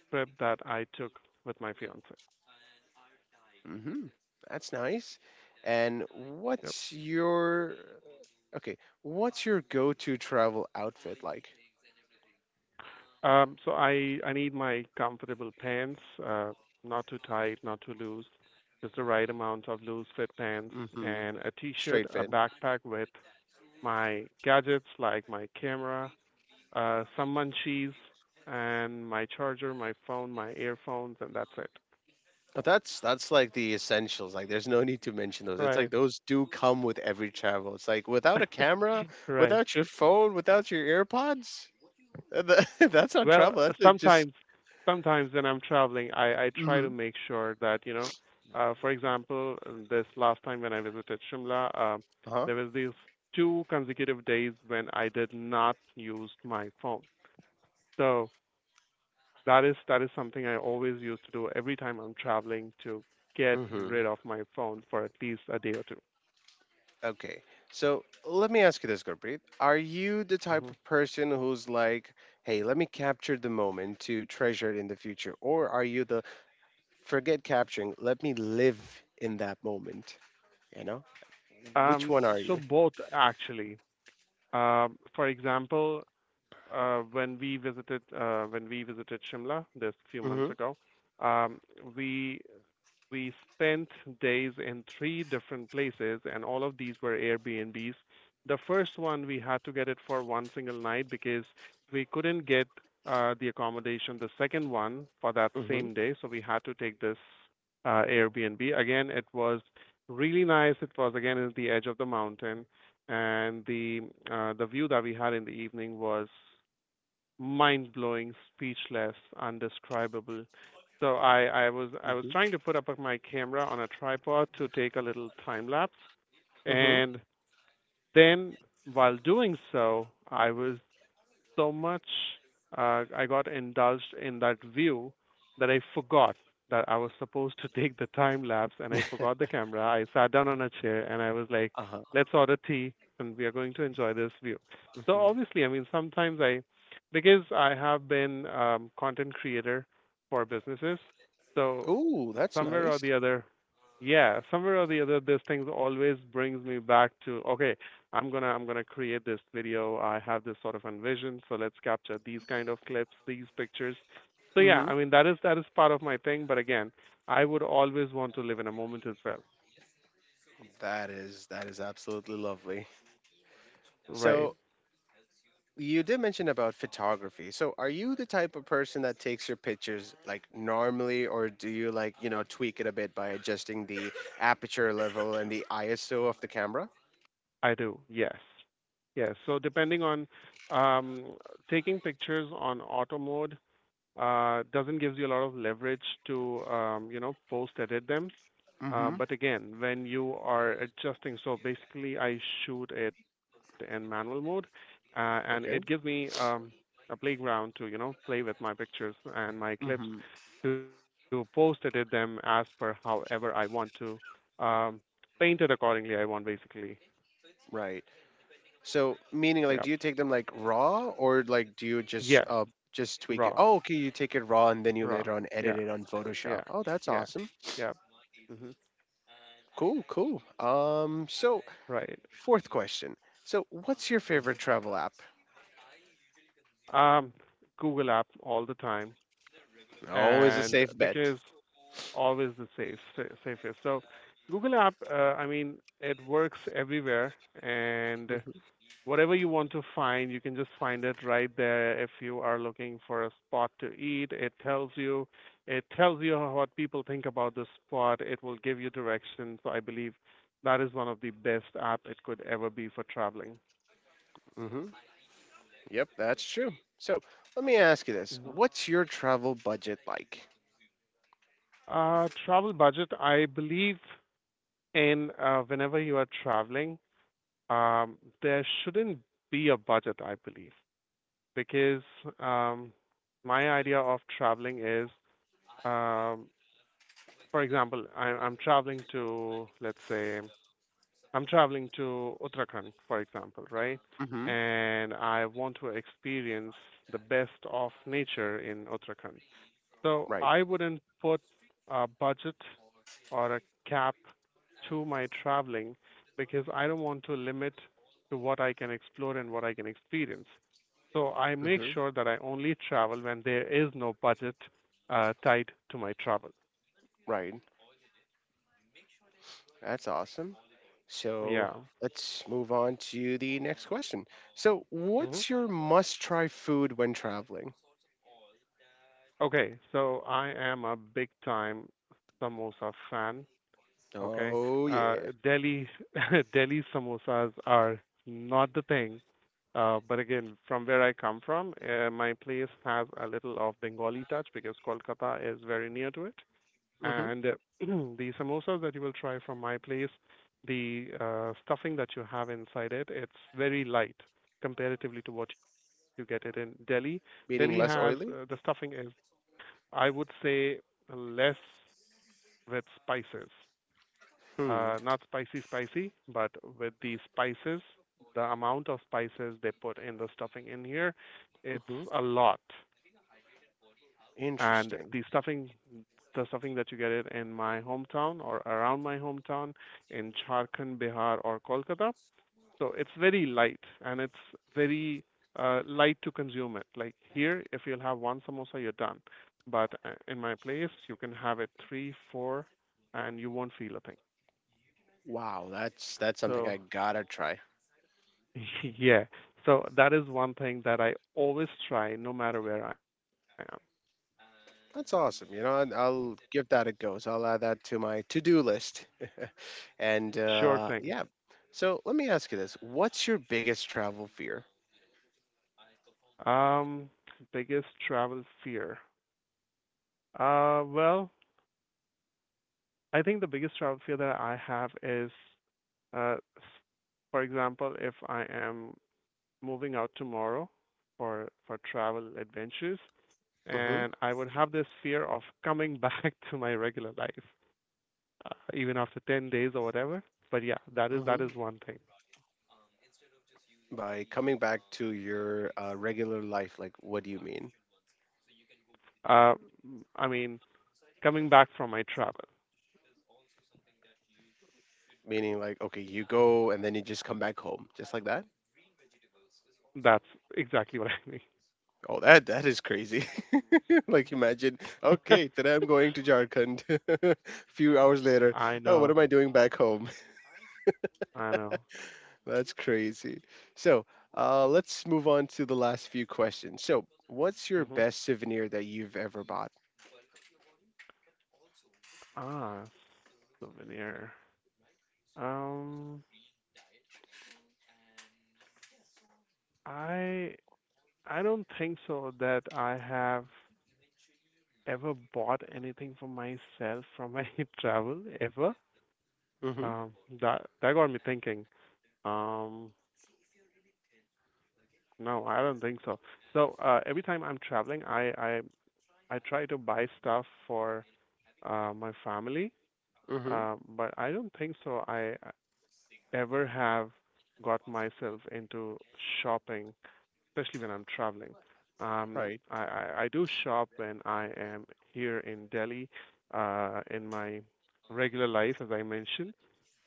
[SPEAKER 2] trip that I took with my fiance.
[SPEAKER 1] hmm That's nice. And
[SPEAKER 2] Yep.
[SPEAKER 1] what's your okay? What's your go-to travel outfit like?
[SPEAKER 2] So I need my comfortable pants, not too tight, not too loose, just the right amount of loose fit pants,
[SPEAKER 1] hmm
[SPEAKER 2] and a t-shirt,
[SPEAKER 1] Straight
[SPEAKER 2] a
[SPEAKER 1] fit.
[SPEAKER 2] backpack with my gadgets like my camera, some munchies, and my charger, my phone, my earphones, and that's it.
[SPEAKER 1] But that's like the essentials. Like there's no need to mention those. It's like
[SPEAKER 2] Right.
[SPEAKER 1] those do come with every travel. It's like without a camera,
[SPEAKER 2] Right.
[SPEAKER 1] without your phone, without your AirPods. That's not
[SPEAKER 2] Well,
[SPEAKER 1] travel. That's just
[SPEAKER 2] sometimes when I'm traveling, I try to
[SPEAKER 1] mm-hmm.
[SPEAKER 2] make sure that, you know, for example, this last time when I visited Shimla,
[SPEAKER 1] uh-huh.
[SPEAKER 2] there was these two consecutive days when I did not use my phone. So that is something I always used to do every time I'm traveling to get rid
[SPEAKER 1] hmm
[SPEAKER 2] of my phone for at least a day or two.
[SPEAKER 1] Okay. So let me ask you this, Gurpreet. Are you the type
[SPEAKER 2] Mm-hmm.
[SPEAKER 1] of person who's like, hey, let me capture the moment to treasure it in the future? Or are you the forget capturing, let me live in that moment? You know? Which
[SPEAKER 2] Um,
[SPEAKER 1] one are
[SPEAKER 2] so
[SPEAKER 1] you?
[SPEAKER 2] both actually. For example, when we visited Shimla this few months
[SPEAKER 1] Mm-hmm.
[SPEAKER 2] ago, um, we we spent days in three different places, and all of these were Airbnbs. The first one, we had to get it for one single night because we couldn't get the accommodation, the second one, for that
[SPEAKER 1] Mm-hmm.
[SPEAKER 2] same day. So we had to take this Airbnb. Again, it was really nice. It was again at the edge of the mountain, and the view that we had in the evening was mind blowing, speechless, undescribable. So I was trying to put up my camera on a tripod to take a little time lapse,
[SPEAKER 1] Mm-hmm.
[SPEAKER 2] and then while doing so, I was so much I got indulged in that view that I forgot that I was supposed to take the time lapse and I forgot the camera. I sat down on a chair and I was like,
[SPEAKER 1] Uh-huh.
[SPEAKER 2] let's order tea and we are going to enjoy this view. So
[SPEAKER 1] hmm
[SPEAKER 2] obviously, I mean, because I have been content creator for businesses, so
[SPEAKER 1] Oh, that's
[SPEAKER 2] somewhere or
[SPEAKER 1] nice.
[SPEAKER 2] the other, yeah, somewhere or the other this thing always brings me back to okay, I'm gonna create this video. I have this sort of envision, so let's capture these kind of clips, these pictures. So yeah,
[SPEAKER 1] Mm-hmm.
[SPEAKER 2] I mean that is part of my thing, but again, I would always want to live in a moment as well.
[SPEAKER 1] That is absolutely lovely.
[SPEAKER 2] Right.
[SPEAKER 1] So you did mention about photography. So are you the type of person that takes your pictures like normally, or do you like, you know, tweak it a bit by adjusting the aperture level and the ISO of the camera?
[SPEAKER 2] I do, yes, yes. So depending on, um taking pictures on auto mode, doesn't gives you a lot of leverage to, you know, post edit them.
[SPEAKER 1] Mm-hmm.
[SPEAKER 2] But again, when you are adjusting, so basically I shoot it in manual mode, uh, and
[SPEAKER 1] Okay.
[SPEAKER 2] it gives me, a playground to, you know, play with my pictures
[SPEAKER 1] Mm-hmm.
[SPEAKER 2] and my clips to post edit them as per however I want to, um, paint it accordingly. I want, basically,
[SPEAKER 1] Right. So meaning like do you
[SPEAKER 2] yeah,
[SPEAKER 1] take them like raw or like do you
[SPEAKER 2] yes,
[SPEAKER 1] just tweak it?
[SPEAKER 2] raw,
[SPEAKER 1] Oh, okay, you take it raw and then you
[SPEAKER 2] raw,
[SPEAKER 1] later on edit
[SPEAKER 2] yeah,
[SPEAKER 1] it on Photoshop.
[SPEAKER 2] yeah,
[SPEAKER 1] Oh, that's
[SPEAKER 2] yeah,
[SPEAKER 1] awesome.
[SPEAKER 2] yeah. Hmm.
[SPEAKER 1] Cool, cool. So
[SPEAKER 2] Right.
[SPEAKER 1] fourth question. So what's your
[SPEAKER 2] Mm-hmm.
[SPEAKER 1] favorite travel app?
[SPEAKER 2] Um, Google app all the time,
[SPEAKER 1] Always a
[SPEAKER 2] and
[SPEAKER 1] safe bet.
[SPEAKER 2] because always the safest. So Google app, I mean, it works everywhere, and
[SPEAKER 1] hmm
[SPEAKER 2] whatever you want to find, you can just find it right there. If you are looking for a spot to eat, it tells you. It tells you what people think about the spot. It will give you directions. So I believe that is one of the best app it could ever be for traveling.
[SPEAKER 1] hmm Yep, that's true. So let me ask you this.
[SPEAKER 2] Hmm.
[SPEAKER 1] What's your travel budget like?
[SPEAKER 2] Uh, travel budget, I believe. And whenever you are traveling, there shouldn't be a budget, I believe, because, um, my idea of traveling is, um, for example, I, I'm traveling to, let's say, I'm traveling to Uttarakhand, for example, right?
[SPEAKER 1] hmm
[SPEAKER 2] And I want to experience the best of nature in Uttarakhand. So
[SPEAKER 1] Right.
[SPEAKER 2] I wouldn't put a budget or a cap to my traveling because I don't want to limit to what I can explore and what I can experience. So I make
[SPEAKER 1] hmm
[SPEAKER 2] sure that I only travel when there is no budget tied to my travel.
[SPEAKER 1] Right. That's awesome. So
[SPEAKER 2] Yeah.
[SPEAKER 1] let's move on to the next question. So,
[SPEAKER 2] Hmm.
[SPEAKER 1] what's your must try food when traveling?
[SPEAKER 2] Okay, so I am a big time samosa fan. Okay,
[SPEAKER 1] Oh,
[SPEAKER 2] uh,
[SPEAKER 1] yeah.
[SPEAKER 2] Delhi Delhi samosas are not the thing. But again, from where I come from, my place has a little of Bengali touch because Kolkata is very near to it.
[SPEAKER 1] hmm
[SPEAKER 2] And the samosas that you will try from my place, the stuffing that you have inside it, it's very light comparatively to what you get it in Delhi. Delhi has,
[SPEAKER 1] Meaning less
[SPEAKER 2] the
[SPEAKER 1] oily?
[SPEAKER 2] stuffing is, I would say, less with spices,
[SPEAKER 1] Hmm.
[SPEAKER 2] not spicy, spicy, but with the spices, the amount of spices they put in the stuffing in here, it's
[SPEAKER 1] hmm
[SPEAKER 2] a lot. And
[SPEAKER 1] Interesting.
[SPEAKER 2] the stuffing that you get it in my hometown or around my hometown in Jharkhand, Bihar, or Kolkata, so it's very light and it's very, light to consume it. Like here, if you'll have one samosa, you're done. But in my place, you can have it three, four, and you won't feel a thing.
[SPEAKER 1] Wow, that's something I
[SPEAKER 2] So
[SPEAKER 1] gotta try.
[SPEAKER 2] yeah. So that is one thing that I always try, no matter where I am.
[SPEAKER 1] That's awesome. You know, and I'll give that a go. So I'll add that to my to-do list. and
[SPEAKER 2] Sure thing.
[SPEAKER 1] yeah, so let me ask you this: What's your biggest travel fear?
[SPEAKER 2] Um, biggest travel fear. Well, I think the biggest travel fear that I have is, uh, s- for example, if I am moving out tomorrow for travel adventures,
[SPEAKER 1] Mm-hmm.
[SPEAKER 2] and I would have this fear of coming back to my regular life, even after 10 days or whatever. But yeah, that is
[SPEAKER 1] Mm-hmm.
[SPEAKER 2] one thing.
[SPEAKER 1] By coming back to your regular life, like what do you mean?
[SPEAKER 2] Uh, I mean, coming back from my travel.
[SPEAKER 1] Meaning like, okay, you go and then you just come back home, just like that?
[SPEAKER 2] That's exactly what I
[SPEAKER 1] Oh, that is crazy. Like imagine,
[SPEAKER 2] mean.
[SPEAKER 1] okay, today I'm going to Jharkhand. Few hours later, oh, what am
[SPEAKER 2] I
[SPEAKER 1] I doing
[SPEAKER 2] know.
[SPEAKER 1] back home?
[SPEAKER 2] I know.
[SPEAKER 1] That's crazy. So, let's move on to the last few questions. So, what's your
[SPEAKER 2] Hmm.
[SPEAKER 1] best souvenir that you've ever bought?
[SPEAKER 2] Ah, souvenir. Um, I I don't think so that I have ever bought anything for myself from my travel ever.
[SPEAKER 1] Mm-hmm.
[SPEAKER 2] Um, that got me thinking. Um, no, I don't think so. So every time I'm traveling, I try to buy stuff for my family.
[SPEAKER 1] Mm-hmm.
[SPEAKER 2] But I don't think so. I, ever have got myself into shopping, especially when I'm traveling.
[SPEAKER 1] Right.
[SPEAKER 2] I do shop when I am here in Delhi, in my regular life, as I mentioned.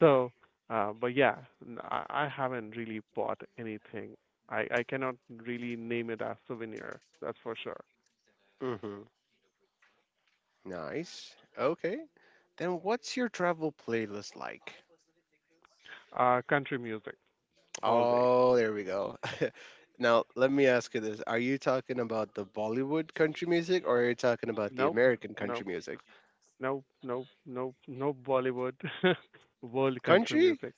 [SPEAKER 2] So, but yeah, I haven't really bought anything. I cannot really name it as souvenir, that's for sure.
[SPEAKER 1] Mm-hmm. Nice. Okay. Then what's your travel playlist like?
[SPEAKER 2] Country music, always.
[SPEAKER 1] Oh, there we go. Now let me ask you this: Are you talking about the Bollywood country music, or are you talking about the
[SPEAKER 2] Nope,
[SPEAKER 1] American country
[SPEAKER 2] no.
[SPEAKER 1] music?
[SPEAKER 2] No, no, no, no Bollywood, world country
[SPEAKER 1] Country?
[SPEAKER 2] music.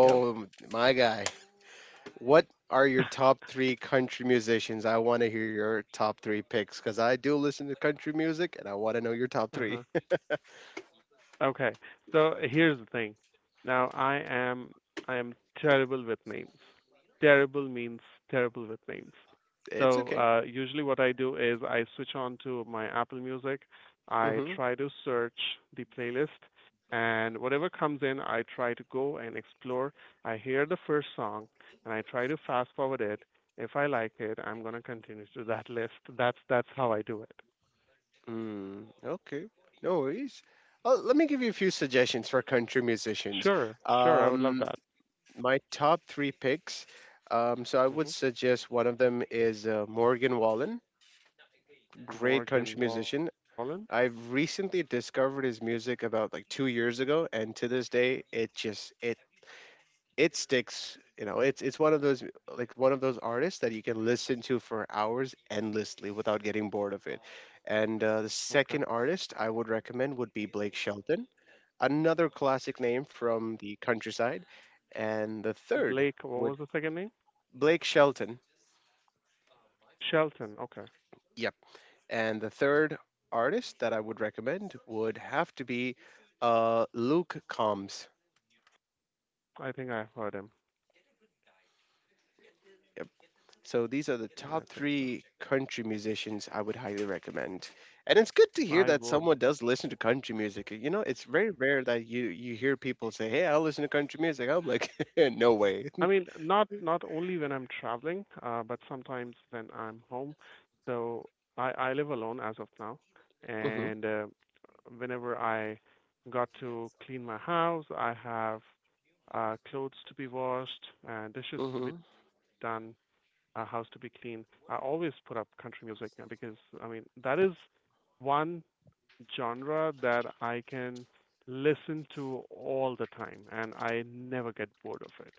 [SPEAKER 2] Yep.
[SPEAKER 1] my guy. What are your top three country musicians? I want to hear your top three picks because I do listen to country music, and I want to know your top three.
[SPEAKER 2] Uh-huh. Okay. So here's the thing. Now I am terrible with names. Terrible means terrible with names.
[SPEAKER 1] It's
[SPEAKER 2] So
[SPEAKER 1] okay.
[SPEAKER 2] usually what I do is I switch on to my Apple Music. I try to search the playlist and whatever comes in I try to go and explore. I hear the first song and I try to fast forward it. If I like it, I'm going to continue to that list. That's how I do it.
[SPEAKER 1] Mm, okay, no worries. Well, let me give you a few suggestions for country musicians.
[SPEAKER 2] Sure. Sure. I would love
[SPEAKER 1] Um,
[SPEAKER 2] that.
[SPEAKER 1] my top three picks. So I would
[SPEAKER 2] Hmm.
[SPEAKER 1] suggest one of them is Morgan Wallen, great
[SPEAKER 2] Morgan
[SPEAKER 1] country
[SPEAKER 2] Wallen.
[SPEAKER 1] musician. I've recently discovered his music about like 2 years ago, and to this day, it sticks, you know. It's one of those, like, one of those artists that you can listen to for hours endlessly without getting bored of it. And the
[SPEAKER 2] Okay.
[SPEAKER 1] second artist I would recommend would be Blake Shelton, another classic name from the countryside. And the third
[SPEAKER 2] Blake, what
[SPEAKER 1] would,
[SPEAKER 2] was the second name?
[SPEAKER 1] Blake Shelton,
[SPEAKER 2] Shelton. Okay.
[SPEAKER 1] yep. And the third artist that I would recommend would have to be Luke Combs.
[SPEAKER 2] I think I've heard him.
[SPEAKER 1] So these are the
[SPEAKER 2] I
[SPEAKER 1] top
[SPEAKER 2] think so.
[SPEAKER 1] three country musicians I would highly recommend. And it's good to hear
[SPEAKER 2] I
[SPEAKER 1] that
[SPEAKER 2] will.
[SPEAKER 1] someone does listen to country music. You know, it's very rare that you hear people say, "Hey, I listen to country music." I'm like, "No way."
[SPEAKER 2] I mean, not only when I'm traveling, but sometimes when I'm home. So I live alone as of now,
[SPEAKER 1] hmm
[SPEAKER 2] and whenever I got to clean my house, I have clothes to be washed and dishes to be
[SPEAKER 1] hmm
[SPEAKER 2] done, a house to be clean. I always put up country music because I mean that is one genre that I can listen to all the time and I never get bored of it.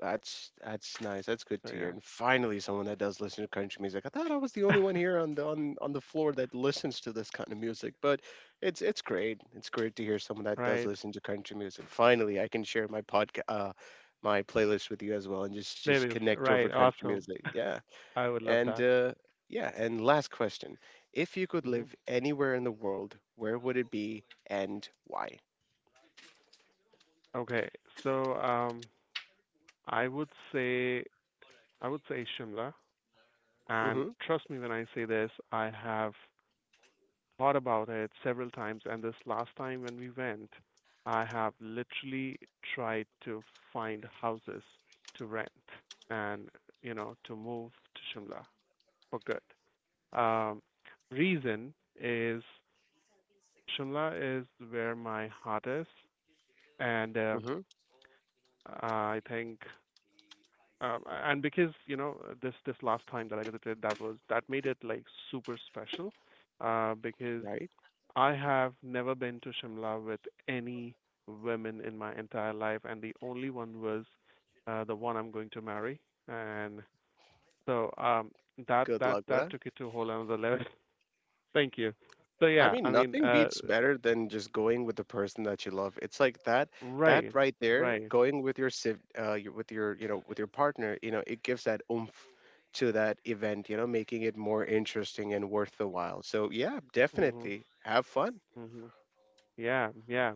[SPEAKER 1] That's
[SPEAKER 2] So
[SPEAKER 1] nice.
[SPEAKER 2] yeah.
[SPEAKER 1] That's good to hear. And finally, someone that does listen to country music. I thought I was the only one here on the floor that listens to this kind of music, but it's great. It's great to hear someone that does
[SPEAKER 2] Right.
[SPEAKER 1] listen to country music. Finally, I can share my podcast, my playlist with you as well, and just
[SPEAKER 2] Playlist.
[SPEAKER 1] connect over
[SPEAKER 2] Right.
[SPEAKER 1] country
[SPEAKER 2] Awesome.
[SPEAKER 1] music. Yeah,
[SPEAKER 2] I would love
[SPEAKER 1] and
[SPEAKER 2] that.
[SPEAKER 1] yeah, and last question: If you could
[SPEAKER 2] Hmm.
[SPEAKER 1] live anywhere in the world, where would it be, and why?
[SPEAKER 2] Okay. So I would say, Shimla, and
[SPEAKER 1] Mm-hmm.
[SPEAKER 2] trust me when I say this, I have thought about it several times, and this last time when we went, I have literally tried to find houses to rent and, you know, to move to Shimla for good. Um, Reason is Shimla is where my heart is, and
[SPEAKER 1] Mm-hmm.
[SPEAKER 2] I think, uh, and because you know this this last time that I visited, that was that made it like super special, because
[SPEAKER 1] Right.
[SPEAKER 2] I have never been to Shimla with any women in my entire life, and the only one was the one I'm going to marry, and so that
[SPEAKER 1] Good
[SPEAKER 2] that
[SPEAKER 1] luck with
[SPEAKER 2] that
[SPEAKER 1] that.
[SPEAKER 2] took it to a whole another level. Thank you. So
[SPEAKER 1] I
[SPEAKER 2] yeah, I
[SPEAKER 1] mean,
[SPEAKER 2] mean,
[SPEAKER 1] nothing beats better than just going with the person that you love. It's like that, that
[SPEAKER 2] right,
[SPEAKER 1] right there,
[SPEAKER 2] right.
[SPEAKER 1] going with your with your, you know, with your partner. You know, it gives that oomph to that event, you know, making it more interesting and worth the while. So yeah,
[SPEAKER 2] Mhm,
[SPEAKER 1] definitely have fun.
[SPEAKER 2] mhm. Yeah, yeah.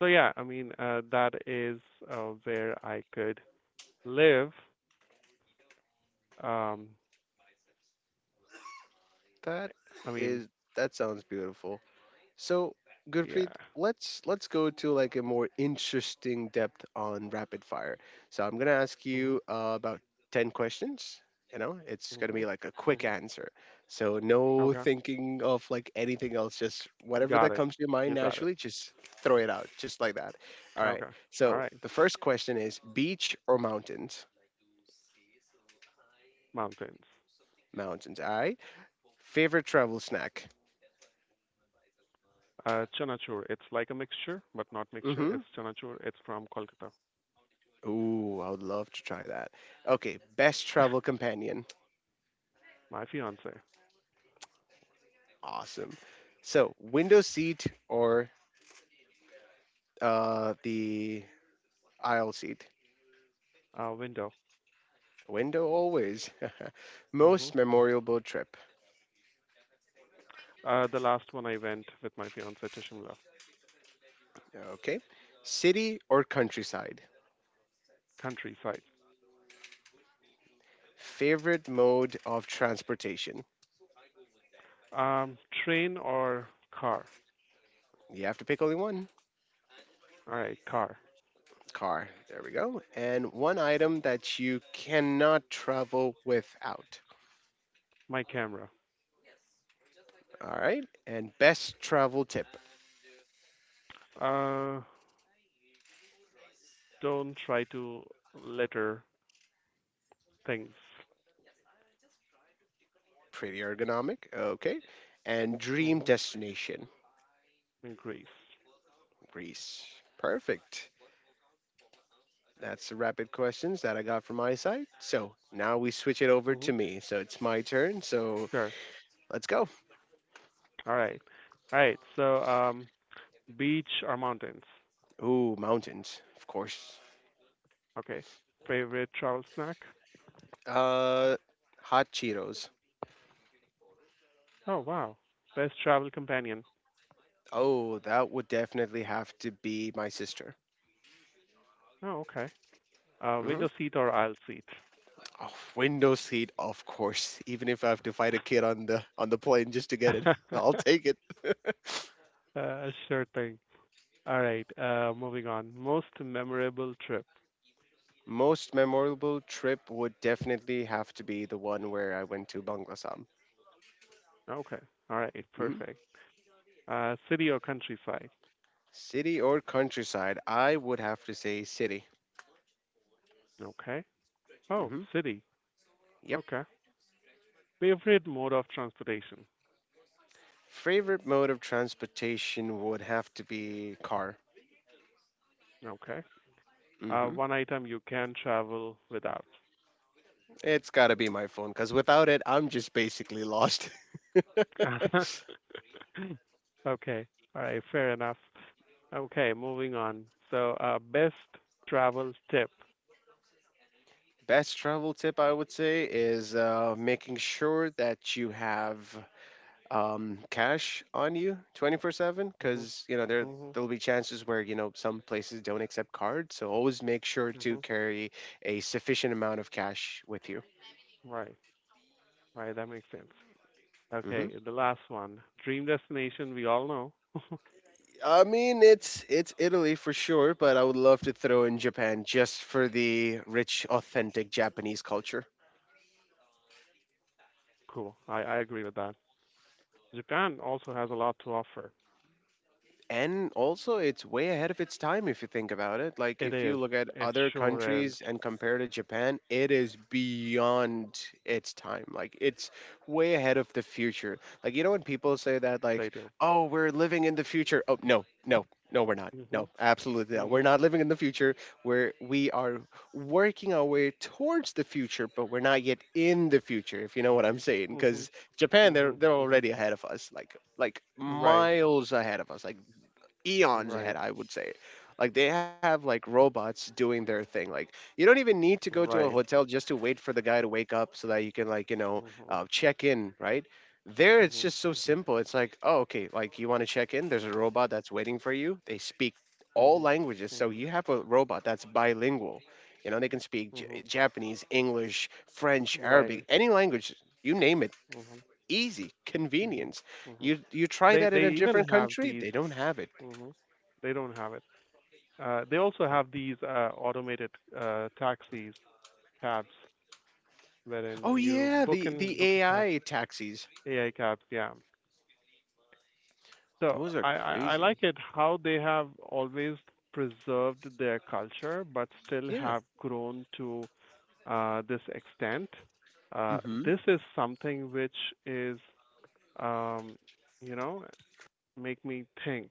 [SPEAKER 2] So yeah, I mean, that is where I could live. Um,
[SPEAKER 1] That
[SPEAKER 2] I mean,
[SPEAKER 1] is, that sounds beautiful. So,
[SPEAKER 2] yeah.
[SPEAKER 1] Gurpreet, let's go to like a more interesting depth on rapid fire. So, I'm gonna ask
[SPEAKER 2] Mhm.
[SPEAKER 1] you about 10 questions. You know, it's gonna be
[SPEAKER 2] Mhm.
[SPEAKER 1] like a quick
[SPEAKER 2] Mhm.
[SPEAKER 1] answer. So, no
[SPEAKER 2] Okay.
[SPEAKER 1] thinking of like anything else.
[SPEAKER 2] Got
[SPEAKER 1] Just
[SPEAKER 2] it.
[SPEAKER 1] whatever
[SPEAKER 2] You
[SPEAKER 1] that
[SPEAKER 2] got
[SPEAKER 1] comes to
[SPEAKER 2] it.
[SPEAKER 1] your mind naturally, just throw it out, just like that. All
[SPEAKER 2] Okay.
[SPEAKER 1] right.
[SPEAKER 2] All
[SPEAKER 1] So,
[SPEAKER 2] right.
[SPEAKER 1] the first question is beach or mountains?
[SPEAKER 2] Mountains.
[SPEAKER 1] Mountains. All right. Favorite travel snack?
[SPEAKER 2] Chanachur. It's like a mixture, but not mixture. It's Chanachur.
[SPEAKER 1] Mm-hmm.
[SPEAKER 2] It's from Kolkata.
[SPEAKER 1] Ooh, I would love to try that. Okay, best travel companion.
[SPEAKER 2] My fiance.
[SPEAKER 1] Awesome. So, window seat or the aisle seat?
[SPEAKER 2] Window.
[SPEAKER 1] Window always.
[SPEAKER 2] Hmm
[SPEAKER 1] Most memorable trip.
[SPEAKER 2] The last one I went with my fiance to Shimla.
[SPEAKER 1] Okay. City or countryside?
[SPEAKER 2] Countryside.
[SPEAKER 1] Favorite mode of transportation?
[SPEAKER 2] Um, train or car?
[SPEAKER 1] You have to pick only one.
[SPEAKER 2] All right, car.
[SPEAKER 1] Car. There we go. And one item that you cannot travel without.
[SPEAKER 2] My camera.
[SPEAKER 1] All right. And best travel tip?
[SPEAKER 2] Uh, don't try to litter things
[SPEAKER 1] Pretty ergonomic. Okay. And dream
[SPEAKER 2] hmm
[SPEAKER 1] destination?
[SPEAKER 2] in Greece.
[SPEAKER 1] Greece. Perfect. That's the rapid questions that I got from my side. So now we
[SPEAKER 2] Hmm
[SPEAKER 1] switch it over to me. So it's my turn. So
[SPEAKER 2] Sure.
[SPEAKER 1] let's go.
[SPEAKER 2] All right. All right. So, beach or mountains?
[SPEAKER 1] Ooh, mountains, of course.
[SPEAKER 2] Okay. Favorite travel snack?
[SPEAKER 1] Uh, hot Cheetos.
[SPEAKER 2] Oh, wow. Best travel companion?
[SPEAKER 1] Oh, that would definitely have to be my sister.
[SPEAKER 2] Oh, okay.
[SPEAKER 1] hmm
[SPEAKER 2] Window seat or aisle seat?
[SPEAKER 1] Oh, window seat, of course. Even if I have to fight a kid on the plane just to get it,
[SPEAKER 2] uh,
[SPEAKER 1] I'll take it.
[SPEAKER 2] sure thing. All right. Moving on. Most memorable trip?
[SPEAKER 1] Most memorable trip would definitely have to be the one where I went to Bangladesh.
[SPEAKER 2] Okay. All right. Perfect. City or countryside?
[SPEAKER 1] City or countryside? I would have to say city.
[SPEAKER 2] Okay. Oh,
[SPEAKER 1] hmm
[SPEAKER 2] city.
[SPEAKER 1] Yep.
[SPEAKER 2] Okay. Favorite mode of transportation?
[SPEAKER 1] Favorite mode of transportation would have to be car.
[SPEAKER 2] Okay.
[SPEAKER 1] hmm
[SPEAKER 2] One item you can travel without.
[SPEAKER 1] It's got to be my phone because without it, I'm just basically lost.
[SPEAKER 2] Okay. All right. Fair enough. Okay. Moving on. So, best travel tip.
[SPEAKER 1] Best travel tip I would say is making sure that you have cash on you 24/7
[SPEAKER 2] Hmm
[SPEAKER 1] because you know there
[SPEAKER 2] hmm
[SPEAKER 1] there'll be chances where you know some places don't accept cards. So always make sure to
[SPEAKER 2] hmm
[SPEAKER 1] carry a sufficient amount of cash with you.
[SPEAKER 2] Right. Right. That makes sense.
[SPEAKER 1] Mhm.
[SPEAKER 2] Okay. The last one. Dream destination. We all know.
[SPEAKER 1] I mean, it's Italy for sure, but I would love to throw in Japan just for the rich, authentic Japanese culture.
[SPEAKER 2] Cool. I agree with that. Japan also has a lot to offer.
[SPEAKER 1] And also it's way ahead of its time if you think about it. Like
[SPEAKER 2] It
[SPEAKER 1] if you
[SPEAKER 2] is.
[SPEAKER 1] look at
[SPEAKER 2] It
[SPEAKER 1] other
[SPEAKER 2] sure is.
[SPEAKER 1] countries and compare to Japan, it is beyond its time. Like it's way ahead of the future. Like, you know, when people say that
[SPEAKER 2] They do.
[SPEAKER 1] like, oh, we're living in the future, oh no no, no we're not,
[SPEAKER 2] Hmm
[SPEAKER 1] no absolutely not, we're
[SPEAKER 2] hmm
[SPEAKER 1] not living in the future. We are working our way towards the future but we're not yet in the future, if you know what I'm saying,
[SPEAKER 2] Mhm,
[SPEAKER 1] because Japan, they're
[SPEAKER 2] mhm,
[SPEAKER 1] they're
[SPEAKER 2] mhm.
[SPEAKER 1] already ahead of us, like
[SPEAKER 2] Right,
[SPEAKER 1] miles ahead of us, like eons ahead,
[SPEAKER 2] right,
[SPEAKER 1] I would say. Like they have like robots doing their thing. Like you don't even need to go to a
[SPEAKER 2] right.
[SPEAKER 1] hotel just to wait for the guy to wake up so that you can, like, you know,
[SPEAKER 2] Mhm,
[SPEAKER 1] check in, right? There, it's
[SPEAKER 2] mhm,
[SPEAKER 1] just so
[SPEAKER 2] mhm,
[SPEAKER 1] simple. It's like, oh, okay, like you want to check in. There's a robot that's waiting for you. They speak
[SPEAKER 2] mhm,
[SPEAKER 1] all languages, so
[SPEAKER 2] mhm,
[SPEAKER 1] you have a robot that's bilingual. You know, they can speak
[SPEAKER 2] mhm.
[SPEAKER 1] Japanese, English, French, Arabic,
[SPEAKER 2] Right.
[SPEAKER 1] any language. You name it.
[SPEAKER 2] Mhm,
[SPEAKER 1] Easy,
[SPEAKER 2] mhm,
[SPEAKER 1] convenience.
[SPEAKER 2] mhm.
[SPEAKER 1] You try that in
[SPEAKER 2] They
[SPEAKER 1] a
[SPEAKER 2] even
[SPEAKER 1] different
[SPEAKER 2] have
[SPEAKER 1] country,
[SPEAKER 2] these.
[SPEAKER 1] they don't have it.
[SPEAKER 2] Mhm. They don't have it. They also have these automated taxis, cabs, wherein
[SPEAKER 1] Oh
[SPEAKER 2] you
[SPEAKER 1] yeah,
[SPEAKER 2] book and
[SPEAKER 1] the
[SPEAKER 2] book a cab,
[SPEAKER 1] AI taxis.
[SPEAKER 2] AI cabs. Yeah. So
[SPEAKER 1] Those are
[SPEAKER 2] I
[SPEAKER 1] crazy.
[SPEAKER 2] like it how they have always preserved their culture, but still
[SPEAKER 1] Yeah.
[SPEAKER 2] have grown to this extent. Uh,
[SPEAKER 1] hmm
[SPEAKER 2] this is something which is, um, you know, make me think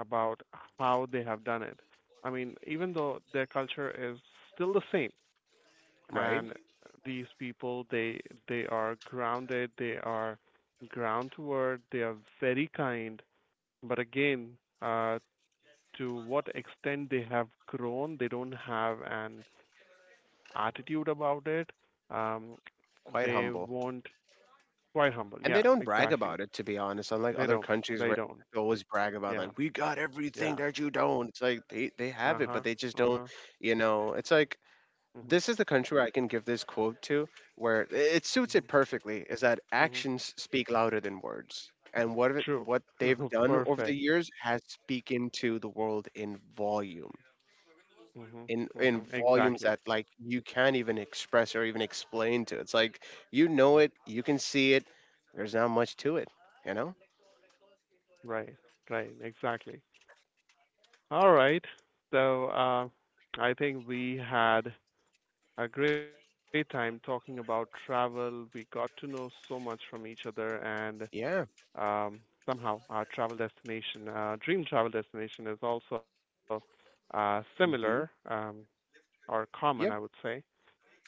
[SPEAKER 2] about how they have done it. I mean, even though their culture is still the same,
[SPEAKER 1] Right.
[SPEAKER 2] and these people they are grounded, they are groundward, they are very kind, but again, uh, to what extent they have grown, they don't have an attitude about it. Um,
[SPEAKER 1] Quite
[SPEAKER 2] they
[SPEAKER 1] humble,
[SPEAKER 2] won't quite humble.
[SPEAKER 1] and
[SPEAKER 2] Yeah,
[SPEAKER 1] they don't brag
[SPEAKER 2] exactly.
[SPEAKER 1] about it. To be honest, unlike
[SPEAKER 2] They
[SPEAKER 1] other
[SPEAKER 2] don't.
[SPEAKER 1] countries
[SPEAKER 2] They
[SPEAKER 1] where
[SPEAKER 2] don't.
[SPEAKER 1] they always brag about
[SPEAKER 2] Yeah.
[SPEAKER 1] like we got
[SPEAKER 2] Yeah.
[SPEAKER 1] everything that you don't. It's like they
[SPEAKER 2] Uh-huh.
[SPEAKER 1] they have it, but
[SPEAKER 2] Uh-huh.
[SPEAKER 1] they just don't. You know, it's like
[SPEAKER 2] Mhm.
[SPEAKER 1] this is the country where I can give this quote to where it suits
[SPEAKER 2] Mhm.
[SPEAKER 1] it perfectly. Is that
[SPEAKER 2] Mhm.
[SPEAKER 1] actions speak louder than words. And what
[SPEAKER 2] True.
[SPEAKER 1] what they've done over the
[SPEAKER 2] Perfect.
[SPEAKER 1] years has speak into the world in volume
[SPEAKER 2] Mhm.
[SPEAKER 1] in
[SPEAKER 2] Mhm.
[SPEAKER 1] volumes
[SPEAKER 2] Exactly.
[SPEAKER 1] that like you can't even express or even explain to. It's like you know it, you can see it. There's not much to it, you know.
[SPEAKER 2] Right. Right. Exactly. All right. So, I think we had a great time talking about travel. We got to know so much from each other, and
[SPEAKER 1] Yeah.
[SPEAKER 2] um, somehow our travel destination, dream travel destination, is also
[SPEAKER 1] hmm
[SPEAKER 2] similar or common,
[SPEAKER 1] Yep.
[SPEAKER 2] I would say.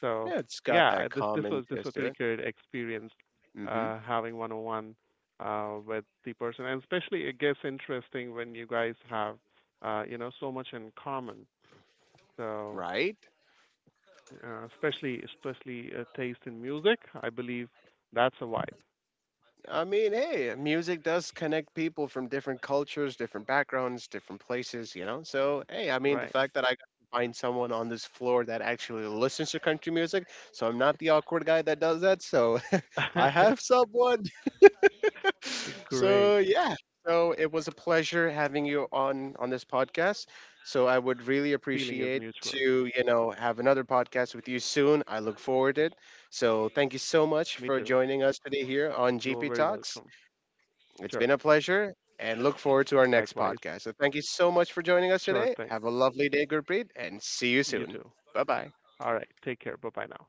[SPEAKER 2] So
[SPEAKER 1] Yeah, it's got
[SPEAKER 2] yeah, I-
[SPEAKER 1] that
[SPEAKER 2] this
[SPEAKER 1] common
[SPEAKER 2] was this
[SPEAKER 1] taste
[SPEAKER 2] was
[SPEAKER 1] to it.
[SPEAKER 2] pretty good experience having one-on-one with the person, and especially it gets interesting when you guys have you know so much in common. So
[SPEAKER 1] Right.
[SPEAKER 2] especially taste in music, I believe that's a vibe,
[SPEAKER 1] I mean, hey, music does connect people from different cultures, different backgrounds, different places, you know? So, hey, I mean,
[SPEAKER 2] right?
[SPEAKER 1] the fact that I got to find someone on this floor that actually listens to country music, so I'm not the awkward guy that does that, so I have someone.
[SPEAKER 2] Great.
[SPEAKER 1] So yeah, so it was a pleasure having you on this podcast. So I would really
[SPEAKER 2] Feeling is
[SPEAKER 1] appreciate
[SPEAKER 2] mutual.
[SPEAKER 1] to, you know, have another podcast with you soon. I look forward it. So thank you so
[SPEAKER 2] Me
[SPEAKER 1] much for
[SPEAKER 2] too.
[SPEAKER 1] joining us today here on
[SPEAKER 2] You are
[SPEAKER 1] GP
[SPEAKER 2] very
[SPEAKER 1] Talks.
[SPEAKER 2] welcome.
[SPEAKER 1] It's
[SPEAKER 2] Sure.
[SPEAKER 1] been a pleasure and look forward to our next
[SPEAKER 2] Likewise.
[SPEAKER 1] podcast. So thank you so much for joining us
[SPEAKER 2] Sure
[SPEAKER 1] today.
[SPEAKER 2] thing.
[SPEAKER 1] Have a lovely day, Gurpreet, and see you
[SPEAKER 2] You
[SPEAKER 1] soon.
[SPEAKER 2] too.
[SPEAKER 1] Bye bye.
[SPEAKER 2] All right. Take care. Bye bye now.